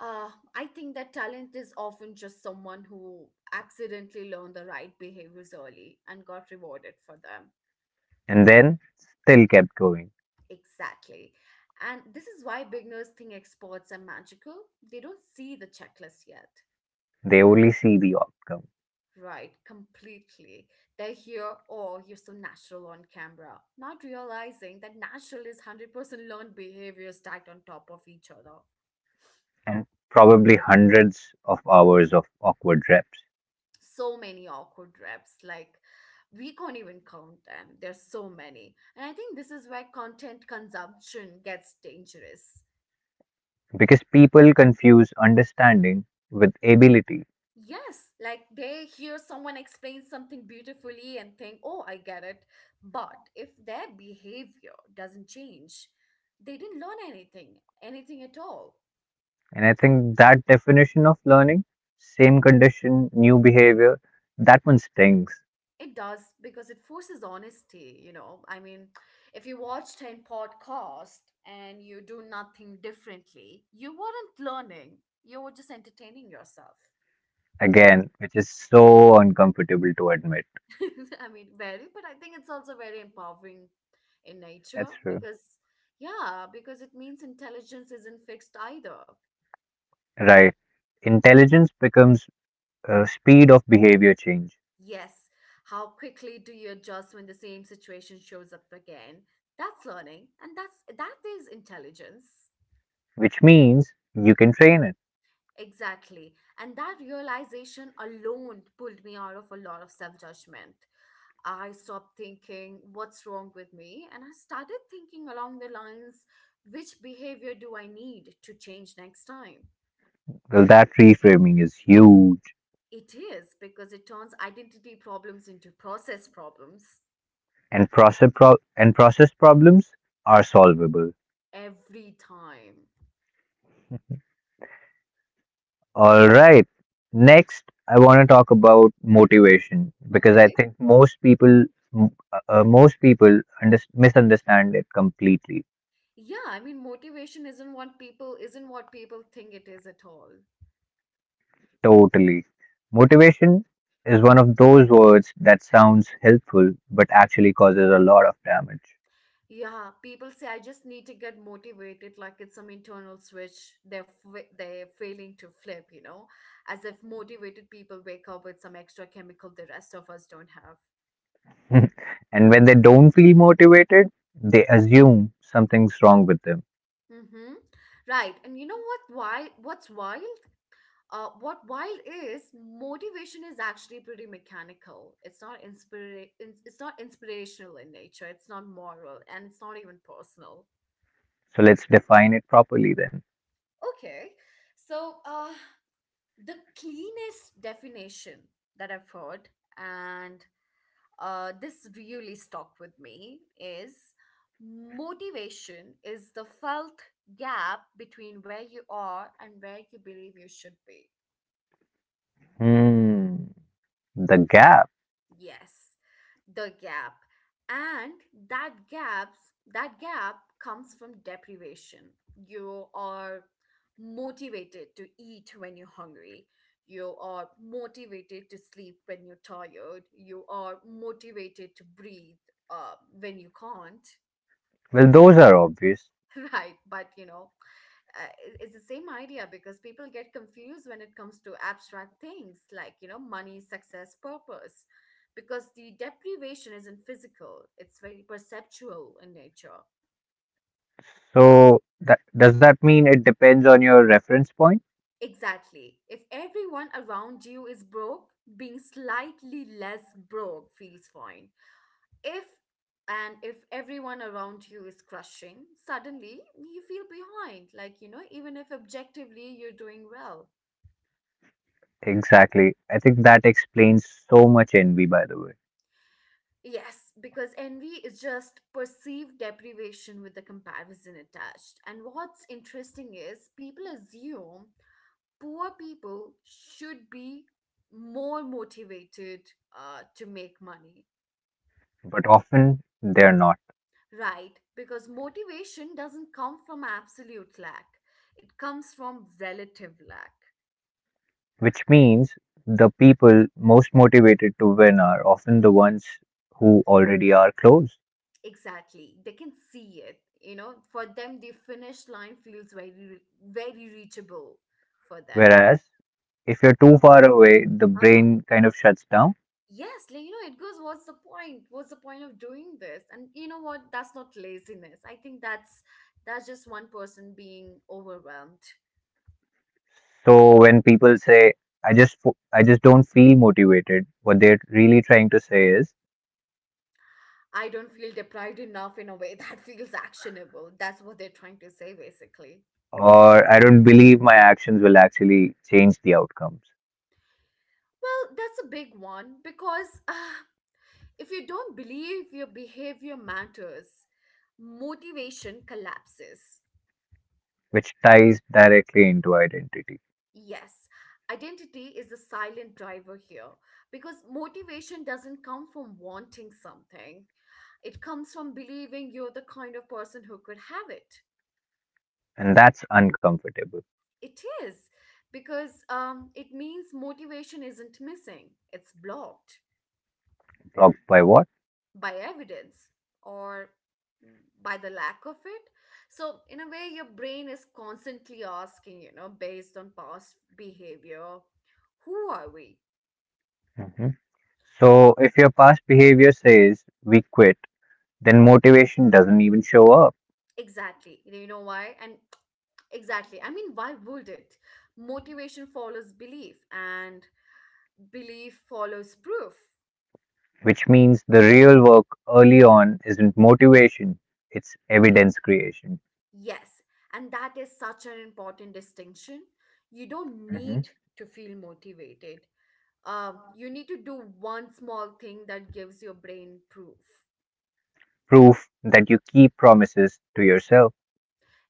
Speaker 1: I think that talent is often just someone who accidentally learned the right behaviors early and got rewarded for them.
Speaker 2: And then still kept going.
Speaker 1: Exactly. And this is why beginners think experts are magical. They don't see the checklist yet.
Speaker 2: They only see the outcome
Speaker 1: Right, completely. They hear, oh, you're so natural on camera, not realizing that natural is 100% learned behavior stacked on top of each other.
Speaker 2: and probably hundreds of hours of awkward reps
Speaker 1: So many awkward reps, like, we can't even count them. There's so many. And I think this is where content consumption gets dangerous.
Speaker 2: because people confuse understanding with ability.
Speaker 1: Yes, like they hear someone explain something beautifully and think, oh, I get it. But if their behavior doesn't change, they didn't learn anything, anything at all.
Speaker 2: And I think that definition of learning, same condition, new behavior, that one stings
Speaker 1: It does because it forces honesty, you know. I mean, if you watch 10 podcasts and you do nothing differently, you weren't learning, you were just entertaining yourself.
Speaker 2: again, which is so uncomfortable to admit.
Speaker 1: I mean, very, but I think it's also very empowering in nature
Speaker 2: That's true.
Speaker 1: because, yeah, because it means intelligence isn't fixed either.
Speaker 2: Right. Intelligence becomes speed of behavior change,
Speaker 1: Yes, how quickly do you adjust when the same situation shows up again? That's learning, and that is intelligence.
Speaker 2: which means you can train it.
Speaker 1: Exactly. And that realization alone pulled me out of a lot of self judgment. I stopped thinking, what's wrong with me? And I started thinking along the lines, which behavior do I need to change next time?
Speaker 2: Well, that reframing is huge,
Speaker 1: It is because it turns identity problems into process problems
Speaker 2: and process problems are solvable.
Speaker 1: every time.
Speaker 2: All right, next I want to talk about motivation because I
Speaker 1: Okay.
Speaker 2: think most people misunderstand it completely,
Speaker 1: Yeah, I mean motivation isn't what people think it is at all.
Speaker 2: totally. Motivation is one of those words that sounds helpful but actually causes a lot of damage.
Speaker 1: Yeah, people say I just need to get motivated, like it's some internal switch they're they're failing to flip, you know, as if motivated people wake up with some extra chemical the rest of us don't have.
Speaker 2: and when they don't feel motivated, they assume something's wrong with them.
Speaker 1: Mm-hmm. Right, and you know what? Why? What's wild? What wild is motivation is actually pretty mechanical. It's not inspirational in nature. It's not moral, and it's not even personal.
Speaker 2: So let's define it properly then.
Speaker 1: Okay, so the cleanest definition that I've heard, and this really stuck with me, is motivation is the felt gap between where you are and where you believe you should be.
Speaker 2: Hmm, the gap.
Speaker 1: Yes, the gap. And that gaps that gap comes from deprivation. You are motivated to eat when you're hungry. You are motivated to sleep when you're tired. You are motivated to breathe uh, when you can't,
Speaker 2: Well, those are obvious.
Speaker 1: right? But you know, it's the same idea because people get confused when it comes to abstract things like, you know, money, success, purpose, because the deprivation isn't physical, it's very perceptual in nature.
Speaker 2: So does that mean it depends on your reference point?
Speaker 1: Exactly, if everyone around you is broke, being slightly less broke feels fine. if if everyone around you is crushing, suddenly you feel behind, like, you know, even if objectively you're doing well.
Speaker 2: Exactly. I think that explains so much envy, by the way.
Speaker 1: Yes, because envy is just perceived deprivation with the comparison attached. And what's interesting is people assume poor people should be more motivated to make money,
Speaker 2: But often they're not,
Speaker 1: right? Because motivation doesn't come from absolute lack, it comes from relative lack.
Speaker 2: which means the people most motivated to win are often the ones who already are close.
Speaker 1: Exactly. They can see it. You know, for them, the finish line feels very reachable for them.
Speaker 2: Whereas if you're too far away, the brain kind of shuts down.
Speaker 1: Yes, like, you know, it goes, what's the point? What's the point of doing this? And you know what? That's not laziness. I think that's just one person being overwhelmed.
Speaker 2: So when people say, "I just I just don't feel motivated," what they're really trying to say is,
Speaker 1: I don't feel deprived enough in a way that feels actionable. That's what they're trying to say, basically.
Speaker 2: or "I don't believe my actions will actually change the outcomes,"
Speaker 1: Well, that's a big one because if you don't believe your behavior matters, motivation collapses.
Speaker 2: which ties directly into identity,
Speaker 1: Yes, identity is the silent driver here because motivation doesn't come from wanting something. It comes from believing you're the kind of person who could have it.
Speaker 2: and that's uncomfortable.
Speaker 1: It is because it means motivation isn't missing, it's blocked
Speaker 2: Blocked by what?
Speaker 1: by evidence or by the lack of it. So, in a way, your brain is constantly asking, you know, based on past behavior, who are we?
Speaker 2: Hmm. So if your past behavior says we quit, then motivation doesn't even show up,
Speaker 1: Exactly. You know why? And exactly. I mean, why would it? Motivation follows belief, and belief follows proof.
Speaker 2: which means the real work early on isn't motivation, it's evidence creation.
Speaker 1: Yes. And that is such an important distinction. You don't
Speaker 2: Hmm.
Speaker 1: need to feel motivated. You need to do one small thing that gives your brain proof.
Speaker 2: Proof that you keep promises to yourself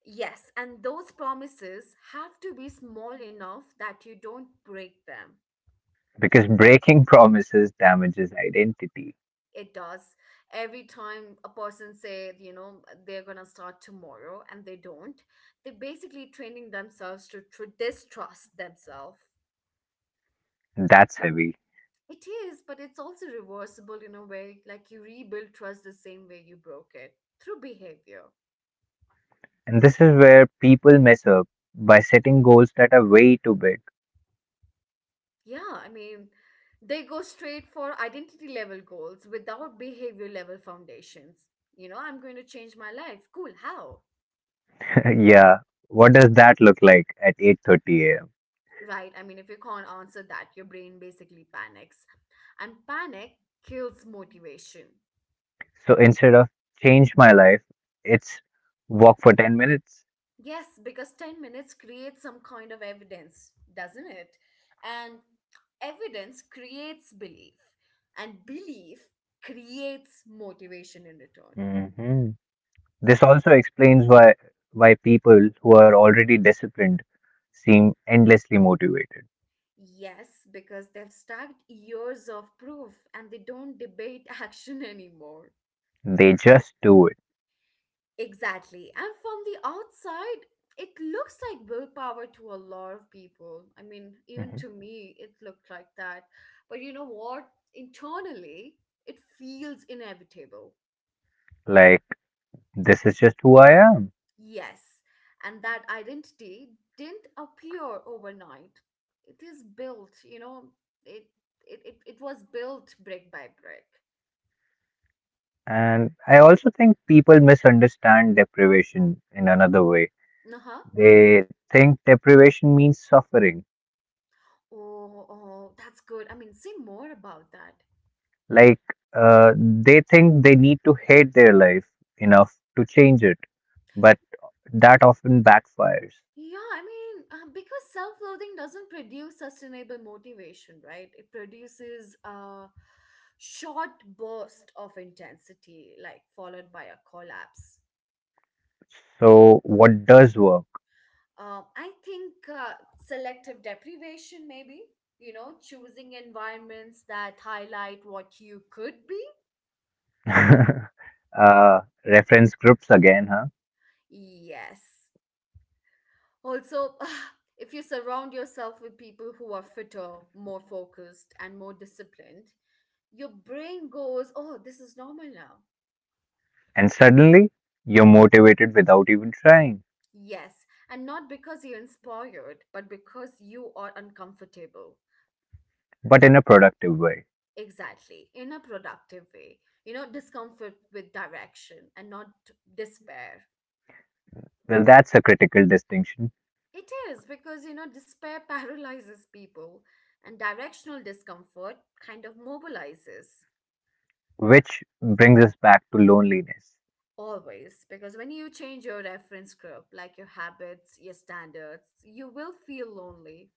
Speaker 1: Yes, and those promises have to be small enough that you don't break them.
Speaker 2: because breaking promises damages identity.
Speaker 1: It does. Every time a person say, you know, they're gonna start tomorrow and they don't, they're basically training themselves to distrust themselves.
Speaker 2: That's heavy.
Speaker 1: It is, but it's also reversible in a way. Like you rebuild trust the same way you broke it through behavior.
Speaker 2: And this is where people mess up by setting goals that are way too big.
Speaker 1: Yeah, I mean, they go straight for identity level goals without behavior level foundations. You know, I'm going to change my life. Cool. How?
Speaker 2: yeah, what does that look like at 8:30 a.m.?
Speaker 1: Right. I mean, if you can't answer that, your brain basically panics. And panic kills motivation.
Speaker 2: So instead of change my life, it's walk for 10 minutes.
Speaker 1: Yes, because 10 minutes creates some kind of evidence, doesn't it? And evidence creates belief, and belief creates motivation in return.
Speaker 2: hmm This also explains why people who are already disciplined seem endlessly motivated.
Speaker 1: Yes, because they've stacked years of proof and they don't debate action anymore.
Speaker 2: They just do it.
Speaker 1: Exactly. And from the outside, it looks like willpower to a lot of people. I mean, even
Speaker 2: hmm
Speaker 1: to me, it looked like that. But you know what? Internally, it feels inevitable.
Speaker 2: Like this is just who I am.
Speaker 1: Yes. And that identity didn't appear overnight. It is built, you know, it it was built brick by brick.
Speaker 2: And I also think people misunderstand deprivation in another way.
Speaker 1: Uh-huh.
Speaker 2: They think deprivation means suffering.
Speaker 1: Oh, oh, that's good. I mean, say more about that.
Speaker 2: Like they think they need to hate their life enough to change it, but that often backfires.
Speaker 1: Yeah, I mean, because self loathing doesn't produce sustainable motivation, right? It produces a short burst of intensity, like followed by a collapse.
Speaker 2: So what does work?
Speaker 1: I think selective deprivation, maybe, you know, choosing environments that highlight what you could be.
Speaker 2: uh, reference groups again, huh?
Speaker 1: Yes. Also, if you surround yourself with people who are fitter, more focused, and more disciplined, your brain goes, oh, this is normal now.
Speaker 2: And suddenly you're motivated without even trying,
Speaker 1: Yes. And not because you're inspired, but because you are uncomfortable.
Speaker 2: but in a productive way.
Speaker 1: Exactly. In a productive way. You know, discomfort with direction and not despair.
Speaker 2: Well, that's a critical distinction,
Speaker 1: It is because, you know, despair paralyzes people, and directional discomfort kind of mobilizes
Speaker 2: which brings us back to loneliness.
Speaker 1: always. Because when you change your reference group, like your habits, your standards, you will feel lonely.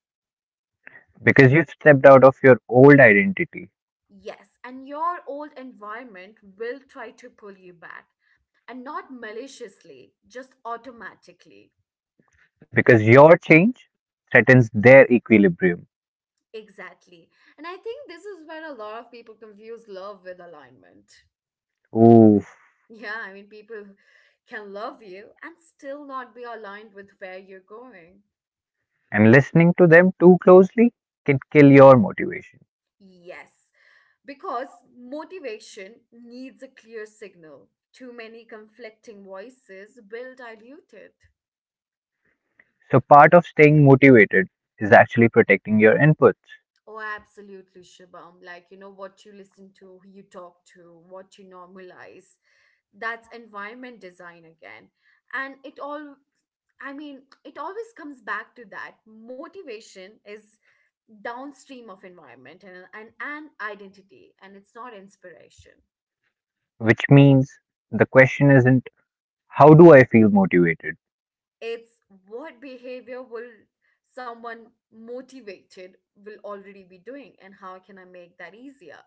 Speaker 2: Because you've stepped out of your old identity,
Speaker 1: Yes, and your old environment will try to pull you back, and not maliciously, just automatically.
Speaker 2: because your change threatens their equilibrium.
Speaker 1: Exactly. And I think this is where a lot of people confuse love with alignment.
Speaker 2: Oof.
Speaker 1: Yeah, I mean, people can love you and still not be aligned with where you're going.
Speaker 2: And listening to them too closely can kill your motivation.
Speaker 1: Yes, because motivation needs a clear signal. Too many conflicting voices will dilute it.
Speaker 2: So, part of staying motivated is actually protecting your inputs.
Speaker 1: Oh, absolutely, Shubham. Like, you know, what you listen to, who you talk to, what you normalize. That's environment design again. And it all, I mean, it always comes back to that. Motivation is downstream of environment and, and identity, and it's not inspiration.
Speaker 2: Which means the question isn't, how do I feel motivated?
Speaker 1: It's what behavior will someone motivated will already be doing, and how can I make that easier?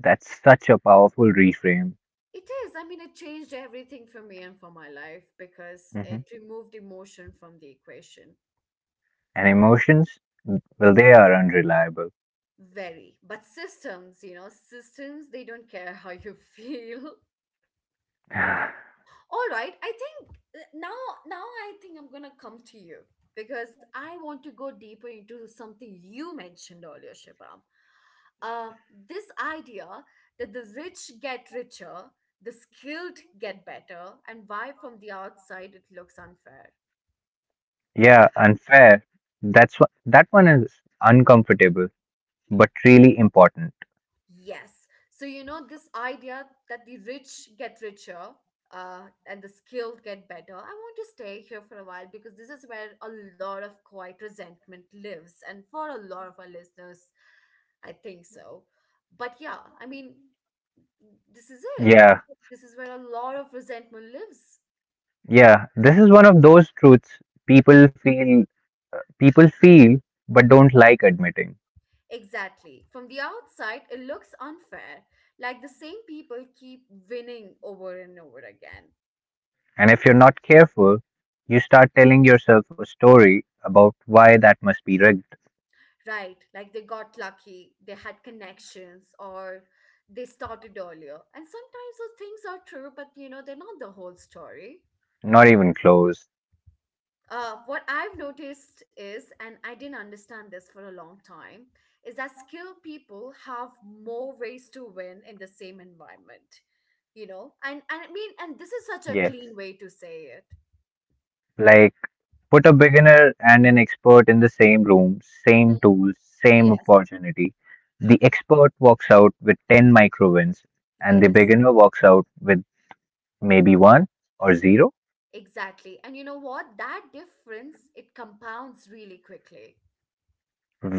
Speaker 2: That's such a powerful reframe.
Speaker 1: It is. I mean, it changed everything for me and for my life because
Speaker 2: Mhm.
Speaker 1: it removed emotion from the equation.
Speaker 2: And emotions, well, they are unreliable.
Speaker 1: Very. But systems, you know, systems, they don't care how you feel. All right. I think now I think I'm going to come to you because I want to go deeper into something you mentioned earlier, Shibam. Uh, this idea that the rich get richer, the skilled get better, and why from the outside it looks unfair.
Speaker 2: yeah, unfair. That's what, that one is uncomfortable, but really important.
Speaker 1: Yes. So, you know, this idea that the rich get richer and the skilled get better, I want to stay here for a while because this is where a lot of quiet resentment lives. And for a lot of our listeners, I think so. But yeah, I mean, this is it. I
Speaker 2: Yeah,
Speaker 1: mean, this is where a lot of resentment lives.
Speaker 2: yeah. This is one of those truths people feel people feel but don't like admitting.
Speaker 1: Exactly. From the outside, it looks unfair. Like the same people keep winning over and over again.
Speaker 2: And if you're not careful, you start telling yourself a story about why that must be rigged.
Speaker 1: Right, like they got lucky, they had connections, or they started earlier. And sometimes those things are true, but they're not the whole story.
Speaker 2: Not even close.
Speaker 1: What I've noticed is, and I didn't understand this for a long time, is that skilled people have more ways to win in the same environment, And this is such a
Speaker 2: Yes.
Speaker 1: clean way to say it.
Speaker 2: Like put a beginner and an expert in the same room,
Speaker 1: hmm
Speaker 2: same tools, same
Speaker 1: Yes,
Speaker 2: opportunity. The expert walks out with 10 micro wins, and the
Speaker 1: yes,
Speaker 2: beginner walks out with maybe one or zero
Speaker 1: exactly. And you know what? That difference, it compounds really quickly.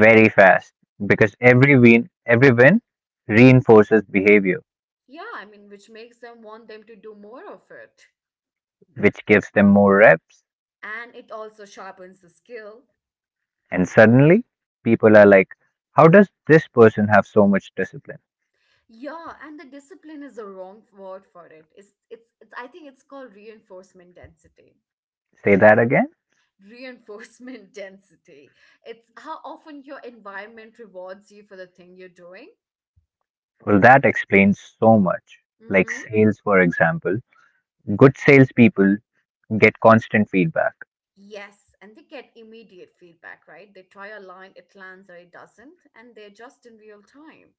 Speaker 2: very fast because every win reinforces behavior,
Speaker 1: Yeah, I mean, which makes them want them to do more of it.
Speaker 2: which gives them more reps.
Speaker 1: And it also sharpens the skill.
Speaker 2: And suddenly people are like, how does this person have so much discipline?
Speaker 1: Yeah, and the discipline is the wrong word for it. It's I think it's called reinforcement density.
Speaker 2: Say that again.
Speaker 1: Reinforcement density. It's how often your environment rewards you for the thing you're doing.
Speaker 2: Well, that explains so much. Like
Speaker 1: Mm-hmm.
Speaker 2: sales, for example, good salespeople get constant feedback.
Speaker 1: Yes, and they get immediate feedback, right? They try a line, it lands or it doesn't, and they adjust in real time.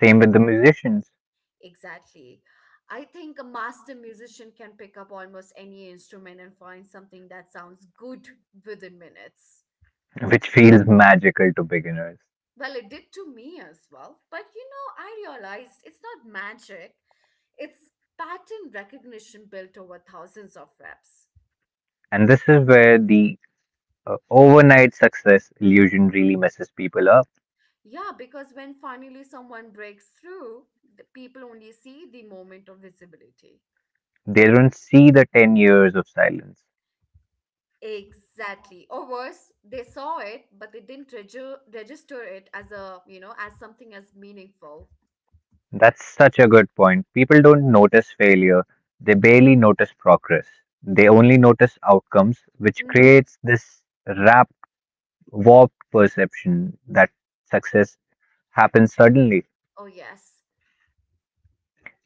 Speaker 2: Same with the musicians,
Speaker 1: Exactly. I think a master musician can pick up almost any instrument and find something that sounds good within minutes.
Speaker 2: which feels magical to beginners.
Speaker 1: Well, it did to me as well. I realized it's not magic, it's pattern recognition built over thousands of reps.
Speaker 2: And this is where the overnight success illusion really messes people up.
Speaker 1: Yeah, because when finally someone breaks through, the people only see the moment of visibility.
Speaker 2: They don't see the 10 years of silence.
Speaker 1: Exactly. Or worse, they saw it, but they didn't register it as a, as something as meaningful.
Speaker 2: That's such a good point. People don't notice failure, they barely notice progress. They only notice outcomes, which
Speaker 1: Mm-hmm.
Speaker 2: creates this rapid warped perception that success happens suddenly
Speaker 1: Oh, yes.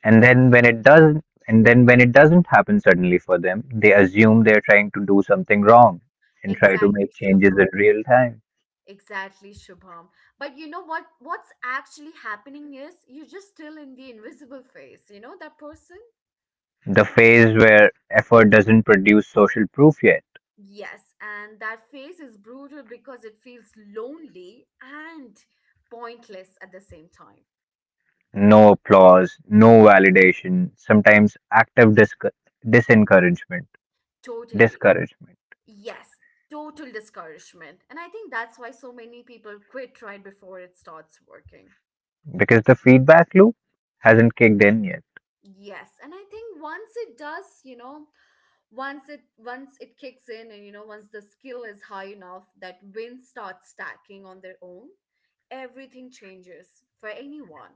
Speaker 2: and then when it doesn't happen suddenly for them they assume they're trying to do something wrong and try to
Speaker 1: Exactly,
Speaker 2: make
Speaker 1: Shubham.
Speaker 2: changes in real time,
Speaker 1: Exactly, Shubham. But you know what? What's actually happening is you're just still in the invisible phase, that person?
Speaker 2: the phase where effort doesn't produce social proof yet,
Speaker 1: Yes. And that phase is brutal because it feels lonely and pointless at the same time.
Speaker 2: no applause, no validation, sometimes active disencouragement,
Speaker 1: Totally.
Speaker 2: discouragement,
Speaker 1: Yes, total discouragement. And I think that's why so many people quit right before it starts working.
Speaker 2: because the feedback loop hasn't kicked in yet,
Speaker 1: Yes, and I think once it does, once it kicks in and once the skill is high enough that wins start stacking on their own, everything changes for anyone.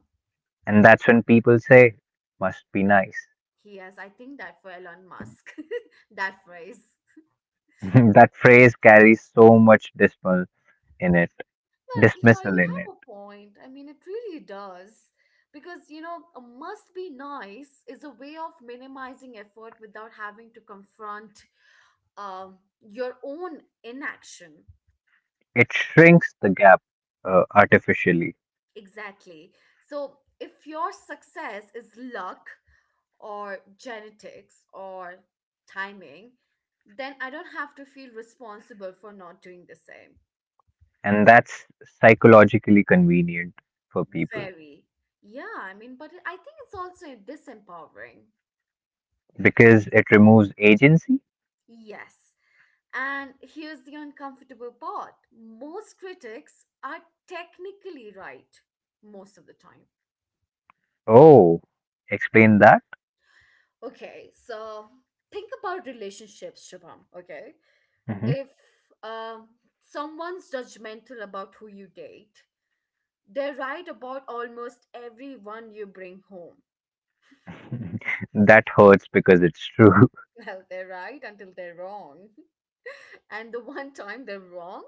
Speaker 2: and that's when people say must be nice.
Speaker 1: Yes, I think that for Elon Musk, that phrase.
Speaker 2: That phrase carries so much in it,
Speaker 1: Yeah,
Speaker 2: dismissal
Speaker 1: you
Speaker 2: in it.
Speaker 1: have a point. I mean, it really does. Because a must be nice is a way of minimizing effort without having to confront your own inaction.
Speaker 2: It shrinks the gap artificially,
Speaker 1: Exactly. So, if your success is luck or genetics or timing, then I don't have to feel responsible for not doing the same.
Speaker 2: and that's psychologically convenient for people
Speaker 1: Very. Yeah, I mean, but I think it's also disempowering.
Speaker 2: because it removes agency.
Speaker 1: Yes. And here's the uncomfortable part most critics are technically right most of the time.
Speaker 2: Oh, explain that.
Speaker 1: Okay, so think about relationships, Shubham. Okay,
Speaker 2: Mhm.
Speaker 1: if um, someone's judgmental about who you date, they're right about almost everyone you bring home.
Speaker 2: That hurts because it's true.
Speaker 1: Well, they're right until they're wrong. And the one time they're wrong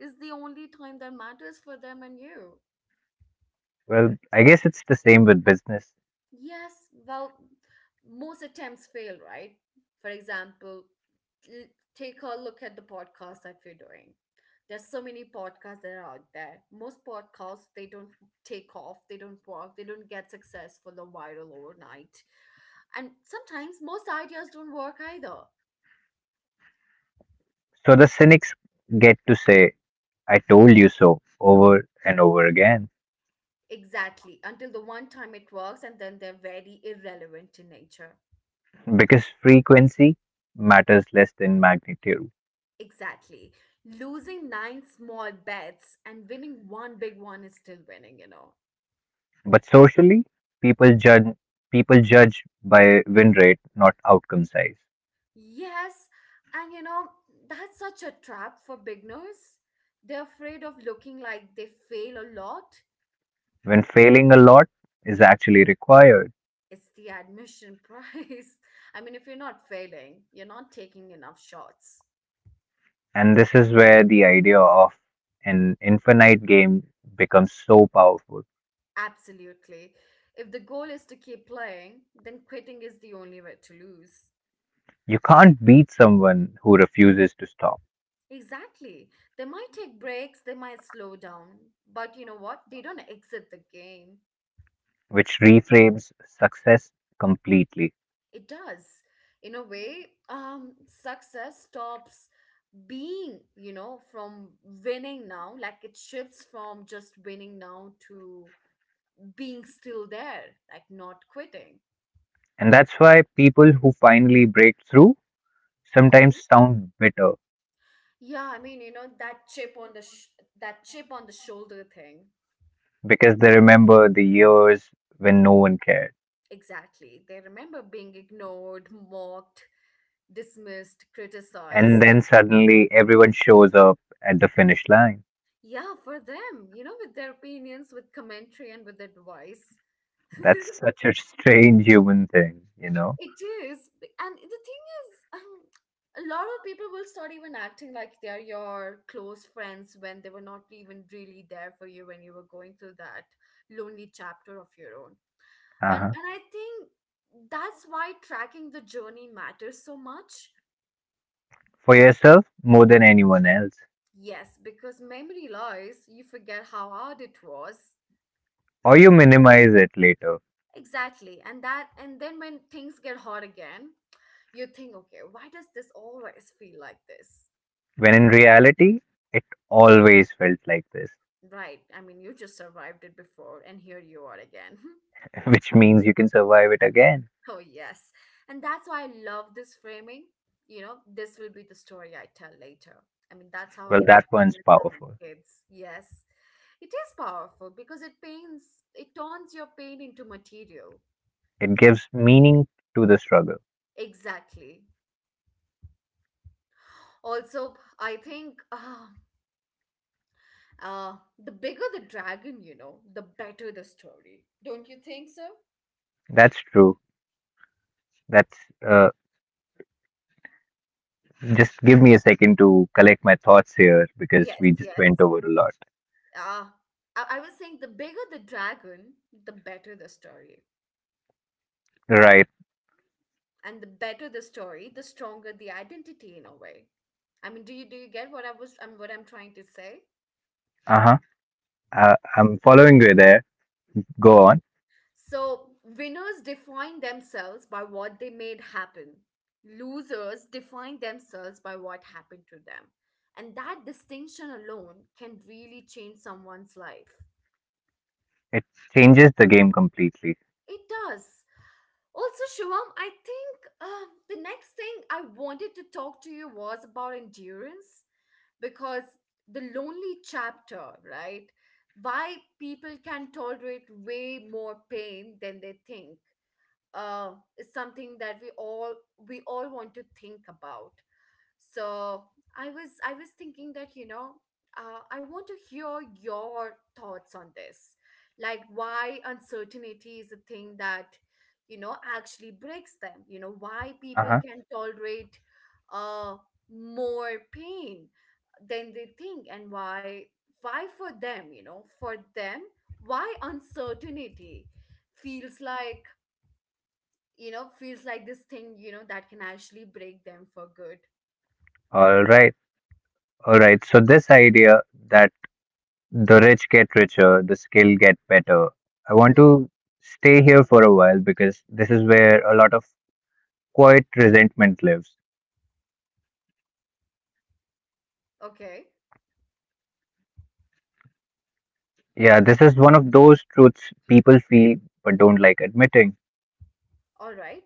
Speaker 1: is the only time that matters for them and you.
Speaker 2: Well, I guess it's the same with business.
Speaker 1: Yes, well, most attempts fail, right? For example, l- take a look at the podcast that we're doing. There's so many podcasts that are out there. Most podcasts, they don't take off, they don't work, they don't get successful or viral overnight. And sometimes most ideas don't work either.
Speaker 2: So the cynics get to say, I told you so over and over again,
Speaker 1: Exactly, until the one time it works and then they're very irrelevant in nature.
Speaker 2: because frequency matters less than magnitude.
Speaker 1: Exactly. Losing nine small bets and winning one big one is still winning, you know.
Speaker 2: But socially, people judge people judge by win rate, not outcome size.
Speaker 1: Yes, and that's such a trap for beginners. They're afraid of looking like they fail a lot.
Speaker 2: When failing a lot is actually required,
Speaker 1: It's the admission price. I mean, if you're not failing, you're not taking enough shots.
Speaker 2: and this is where the idea of an infinite game becomes so powerful.
Speaker 1: Absolutely. If the goal is to keep playing, then quitting is the only way to lose.
Speaker 2: You can't beat someone who refuses to stop,
Speaker 1: Exactly. They might take breaks, they might slow down, but you know what? They don't exit the game.
Speaker 2: which reframes success completely.
Speaker 1: It does. In a way, success stops being, from winning now. Like it shifts from just winning now to being still there, like not quitting.
Speaker 2: And that's why people who finally break through sometimes
Speaker 1: hmm
Speaker 2: sound bitter
Speaker 1: Yeah, I mean, that chip on the that chip on the shoulder thing.
Speaker 2: because they remember the years when no one cared.
Speaker 1: Exactly. They remember being ignored, mocked, dismissed,
Speaker 2: And
Speaker 1: criticized.
Speaker 2: then suddenly everyone shows up at the finish line.
Speaker 1: Yeah, for them, with their opinions, with commentary, and with advice.
Speaker 2: That's such a strange human thing, you know?
Speaker 1: It is. And the thing is, a lot of people will start even acting like they're your close friends when they were not even really there for you when you were going through that lonely chapter of your own. And
Speaker 2: Uh-huh.
Speaker 1: and I think that's why tracking the journey matters so much.
Speaker 2: For yourself more than anyone else.
Speaker 1: Yes, because memory lies, you forget how hard it was.
Speaker 2: Or you minimize it later.
Speaker 1: Exactly. And that and then when things get hard again, you think, okay, why does this always feel like this?
Speaker 2: When in reality, it always felt like this,
Speaker 1: Right. I mean, you just survived it before, and here you are again.
Speaker 2: which means you can survive it again.
Speaker 1: Oh, yes. And that's why I love this framing. You know, this will be the story I tell later. I mean, that's how
Speaker 2: Well,
Speaker 1: I think
Speaker 2: that
Speaker 1: I'm
Speaker 2: one's
Speaker 1: going to tell
Speaker 2: powerful.
Speaker 1: my kids. Yes. It is powerful because it pains, it turns your pain into material.
Speaker 2: It gives meaning to the struggle.
Speaker 1: Exactly. Also, I think uh, the bigger the dragon, you know, the better the story. Don't you think so?
Speaker 2: That's true. That's uh, just give me a second to collect my thoughts here because
Speaker 1: Yes,
Speaker 2: we just went
Speaker 1: yes.
Speaker 2: over a lot.
Speaker 1: uh, I was saying the bigger the dragon, the better the story.
Speaker 2: Right.
Speaker 1: And the better the story, the stronger the identity in a way. I mean, do you get what I was what I'm trying to say?
Speaker 2: Uh huh. I'm following you there. Go on.
Speaker 1: So winners define themselves by what they made happen. Losers define themselves by what happened to them. And that distinction alone can really change someone's life.
Speaker 2: It changes the game completely.
Speaker 1: It does. Also, Shivam, I think the next thing I wanted to talk to you was about endurance because the lonely chapter, right? Why people can tolerate way more pain than they think uh, is something that we all want to think about. So I was thinking that I want to hear your thoughts on this, like why uncertainty is a thing that actually breaks them. You know why people
Speaker 2: Uh-huh.
Speaker 1: can tolerate uh, more pain than they think, and why for them for them why uncertainty feels like feels like this thing that can actually break them for good.
Speaker 2: All right. All right. So this idea that the rich get richer, the skill get better. I want
Speaker 1: hmm
Speaker 2: to stay here for a while because this is where a lot of quiet resentment lives.
Speaker 1: Okay.
Speaker 2: Yeah, this is one of those truths people feel but don't like admitting.
Speaker 1: All right.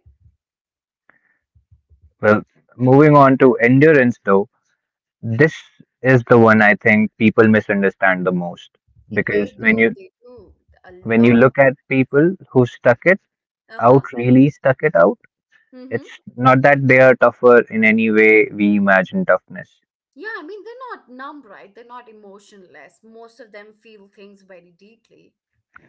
Speaker 2: Well, moving on to endurance though, this is the one I think people misunderstand the most
Speaker 1: They
Speaker 2: because
Speaker 1: do. They do a
Speaker 2: when you
Speaker 1: lot of.
Speaker 2: look at people who stuck it
Speaker 1: Uh-huh.
Speaker 2: out, really stuck it out,
Speaker 1: Mm-hmm.
Speaker 2: it's not that they are tougher in any way we imagine toughness.
Speaker 1: Yeah, I mean, they're not numb, right? They're not emotionless. Most of them feel things very deeply.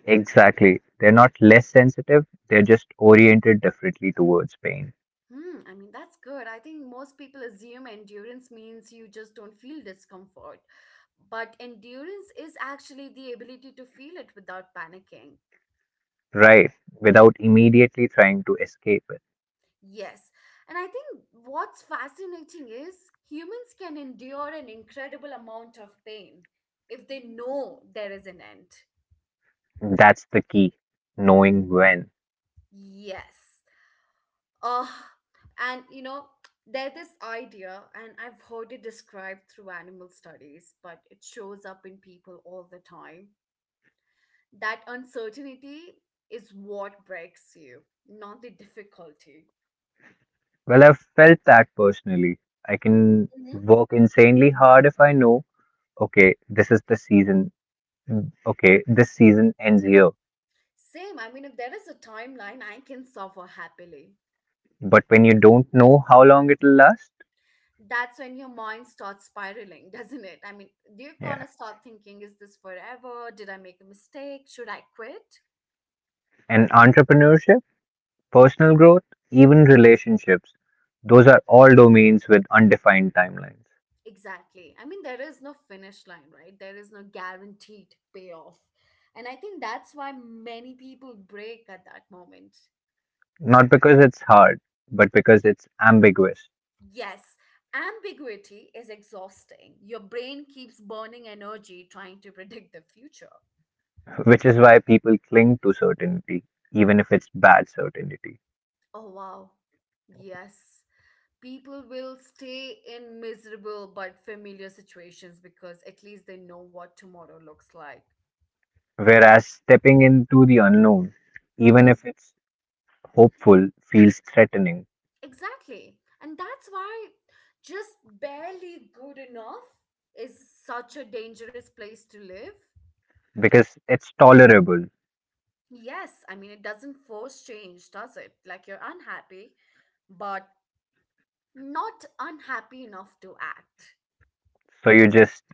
Speaker 2: Exactly. They're not less sensitive, they're just oriented differently towards pain.
Speaker 1: Hmm, I mean, that's good. I think most people assume endurance means you just don't feel discomfort. But endurance is actually the ability to feel it without panicking.
Speaker 2: Right. Without immediately trying to escape it.
Speaker 1: Yes. And I think what's fascinating is humans can endure an incredible amount of pain if they know there is an end.
Speaker 2: That's the key. Knowing when.
Speaker 1: Yes. Oh, and you know, there's this idea, and I've heard it described through animal studies, but it shows up in people all the time. That uncertainty is what breaks you, not the difficulty.
Speaker 2: Well, I've felt that personally. I can
Speaker 1: hmm
Speaker 2: work insanely hard if I know, okay, this is the season. Mm. Okay, this season ends here.
Speaker 1: Same, I mean, if there is a timeline, I can suffer happily.
Speaker 2: But when you don't know how long it'll last,
Speaker 1: That's when your mind starts spiraling, doesn't it? I mean, you're
Speaker 2: yeah.
Speaker 1: gonna start thinking, is this forever? Did I make a mistake? Should I quit?
Speaker 2: And entrepreneurship, personal growth, even relationships, those are all domains with undefined timelines.
Speaker 1: Exactly. I mean, there is no finish line, right? There is no guaranteed payoff. And I think that's why many people break at that moment.
Speaker 2: Not because it's hard, but because it's ambiguous,
Speaker 1: Yes, ambiguity is exhausting. Your brain keeps burning energy trying to predict the future.
Speaker 2: which is why people cling to certainty, even if it's bad certainty.
Speaker 1: Oh, wow. Yes. People will stay in miserable but familiar situations because at least they know what tomorrow looks like.
Speaker 2: Whereas stepping into the unknown, even
Speaker 1: Mm-hmm.
Speaker 2: if it's hopeful, feels threatening
Speaker 1: Exactly. And that's why just barely good enough is such a dangerous place to live.
Speaker 2: because it's tolerable.
Speaker 1: Yes, I mean, it doesn't force change, does it? Like you're unhappy, but not unhappy enough to act.
Speaker 2: So you just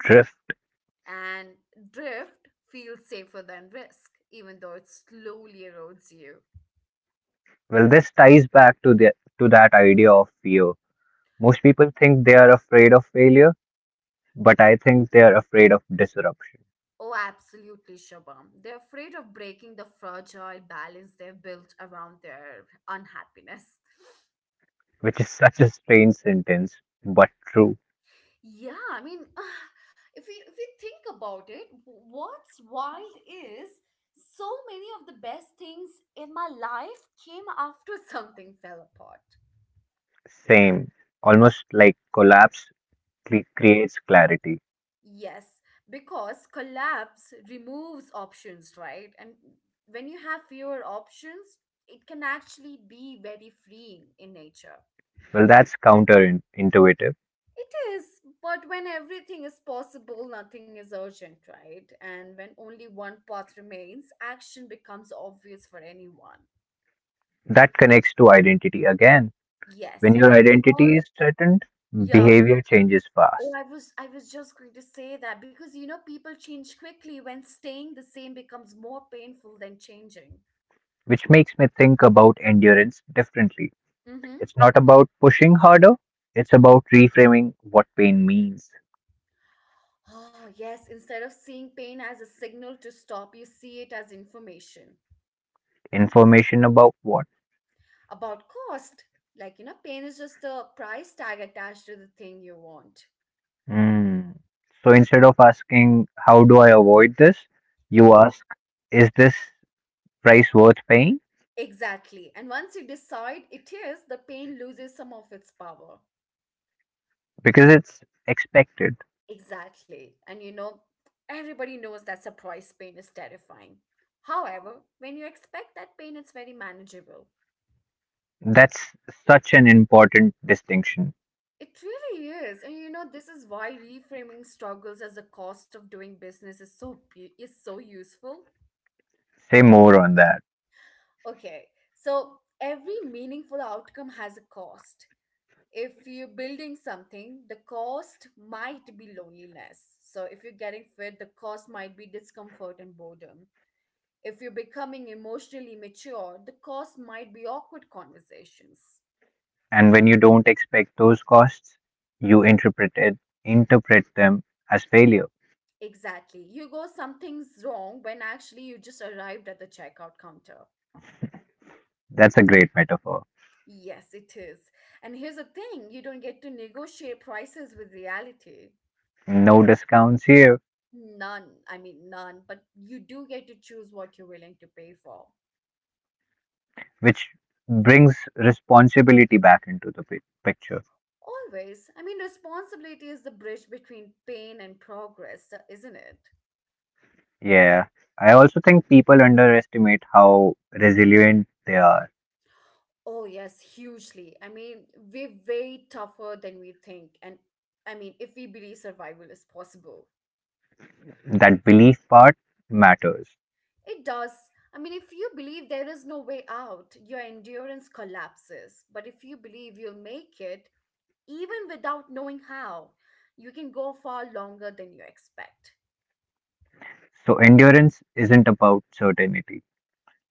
Speaker 2: drift.
Speaker 1: And drift feels safer than risk, even though it slowly erodes you.
Speaker 2: Well, this ties back to the to that idea of fear. Most people think they are afraid of failure, but I think they are afraid of disruption,
Speaker 1: Oh, absolutely, Shabam. They're afraid of breaking the fragile balance they've built around their unhappiness.
Speaker 2: which is such a strange sentence, but true.
Speaker 1: Yeah, I mean, if we think about it, what's wild is so many of the best things in my life came after something fell apart.
Speaker 2: Same, almost like collapse creates clarity.
Speaker 1: Yes, because collapse removes options, right? And when you have fewer options, it can actually be very freeing in nature.
Speaker 2: Well, that's counterintuitive.
Speaker 1: It is, but when everything is possible, nothing is urgent, right? And when only one path remains, action becomes obvious for anyone.
Speaker 2: That connects to identity again. When
Speaker 1: Yes.
Speaker 2: your identity
Speaker 1: Or
Speaker 2: is threatened,
Speaker 1: yeah.
Speaker 2: behavior changes
Speaker 1: Oh,
Speaker 2: fast,
Speaker 1: I was just going to say that because you know people change quickly when staying the same becomes more painful than changing.
Speaker 2: which makes me think about endurance differently.
Speaker 1: Mm-hmm.
Speaker 2: It's not about pushing harder, it's about reframing what pain means.
Speaker 1: Oh, yes, instead of seeing pain as a signal to stop, you see it as information
Speaker 2: Information about what?
Speaker 1: about cost. Like, you know, pain is just the price tag attached to the thing you want.
Speaker 2: Hmm. So instead of asking, how do I avoid this? You
Speaker 1: You
Speaker 2: ask, is this price worth paying?
Speaker 1: exactly. And once you decide it is, the pain loses some of its power.
Speaker 2: Because it's expected.
Speaker 1: Exactly. And you know, everybody knows that surprise pain is terrifying. However, when you expect that pain, it's very manageable.
Speaker 2: That's such an important distinction.
Speaker 1: It really is. And you know, this is why reframing struggles as a cost of doing business is is so useful.
Speaker 2: Say more on that.
Speaker 1: Okay. So, every meaningful outcome has a cost. If you're building something, the cost might be loneliness. So, if you're getting fit, the cost might be discomfort and boredom. If you're becoming emotionally mature, the cost might be awkward conversations.
Speaker 2: And when you don't expect those costs, you interpret them as failure.
Speaker 1: Exactly. You go, something's wrong when actually you just arrived at the checkout counter.
Speaker 2: That's a great metaphor.
Speaker 1: Yes, it is. And here's the thing, you don't get to negotiate prices with reality.
Speaker 2: No discounts here.
Speaker 1: None. I mean, none. But you do get to choose what you're willing to pay for.
Speaker 2: Which brings responsibility back into the picture.
Speaker 1: Always. I mean, responsibility is the bridge between pain and progress, isn't it?
Speaker 2: Yeah. I also think people underestimate how resilient they are.
Speaker 1: Oh, yes, hugely. I mean, we're way tougher than we think. And I mean, if we believe survival is possible,
Speaker 2: That belief part matters.
Speaker 1: it does. I mean, if you believe there is no way out, your endurance collapses. But if you believe you'll make it, even without knowing how, you can go far longer than you expect.
Speaker 2: So, endurance isn't about certainty,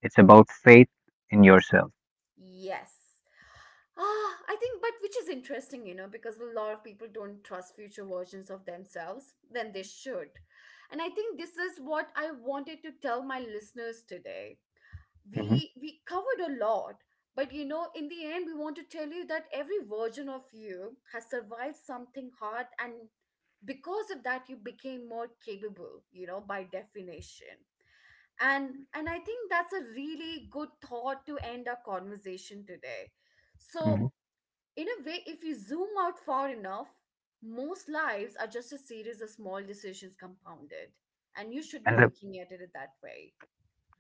Speaker 2: it's about faith in yourself.
Speaker 1: Yes. I think, but which is interesting, you know, because a lot of people don't trust future versions of themselves when they should. And I think this is what I wanted to tell my listeners today.
Speaker 2: hmm
Speaker 1: We covered a lot, but you know, in the end, we want to tell you that every version of you has survived something hard, and because of that, you became more capable, you know, by definition. And I think that's a really good thought to end our conversation today. So
Speaker 2: hmm
Speaker 1: in a way, if you zoom out far enough, most lives are just a series of small decisions compounded, and you should
Speaker 2: And
Speaker 1: be looking at it that way.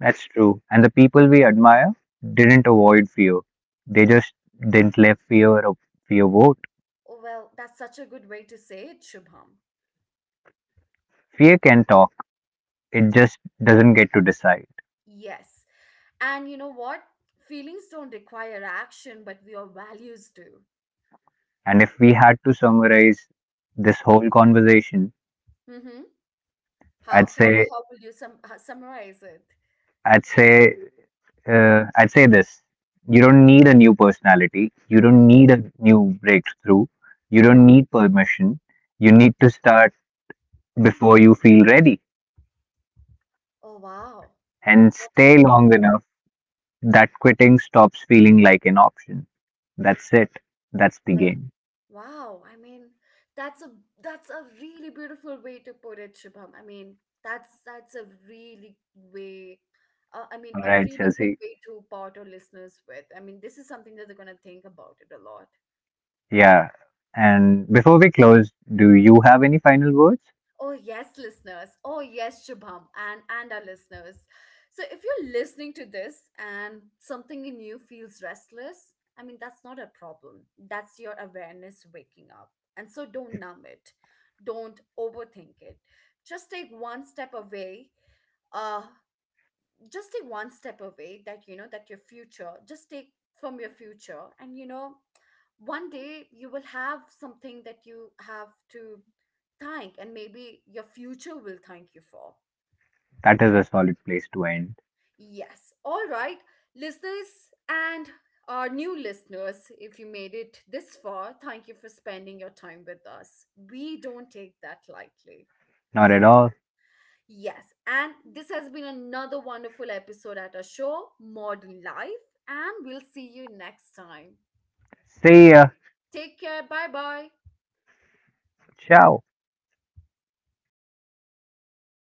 Speaker 2: that's true. And the people we admire didn't avoid fear, they just didn't let fear vote.
Speaker 1: Oh, well, that's such a good way to say it, Shubham.
Speaker 2: Fear can talk, it just doesn't get to decide.
Speaker 1: Yes. And you know what? Feelings don't require action, but your values do.
Speaker 2: And if we had to summarize this whole conversation,
Speaker 1: Mm-hmm.
Speaker 2: I'd
Speaker 1: How, how,
Speaker 2: say,
Speaker 1: how will you summarize it?
Speaker 2: I'd say, I'd say this: you don't need a new personality. You don't need a new breakthrough. You
Speaker 1: Uh huh.
Speaker 2: don't need permission. You need to start before you feel ready,
Speaker 1: Oh, wow.
Speaker 2: and
Speaker 1: That's a
Speaker 2: stay
Speaker 1: good
Speaker 2: long
Speaker 1: thought.
Speaker 2: enough that quitting stops feeling like an option. That's it. That's the
Speaker 1: Well,
Speaker 2: game.
Speaker 1: wow, I mean, that's a that's a really beautiful way to put it, Shubham. I mean, that's a really way, I mean,
Speaker 2: All
Speaker 1: a
Speaker 2: right,
Speaker 1: really good
Speaker 2: Chelsea.
Speaker 1: way to part our listeners with. I mean, this is something that they're gonna think about it a lot.
Speaker 2: Yeah. And before we close, do you have any final words?
Speaker 1: Oh yes, listeners. Oh yes, Shubham and our listeners. So if you're listening to this and something in you feels restless, I mean that's not a problem. That's your awareness waking up. And so don't numb it. Don't overthink it. Just take one step away, uh just take one step away that you know that your future just take from your future, and you know one day you will have something that you have to thank, and maybe your future will thank you for.
Speaker 2: That is a solid place to end.
Speaker 1: Yes, all right, listeners, and our new listeners, if you made it this far, thank you for spending your time with us. We don't take that lightly.
Speaker 2: Not at all.
Speaker 1: Yes, and this has been another wonderful episode at our show, Modern Life, and we'll see you next time.
Speaker 2: See ya.
Speaker 1: Take care. Bye bye.
Speaker 2: Ciao.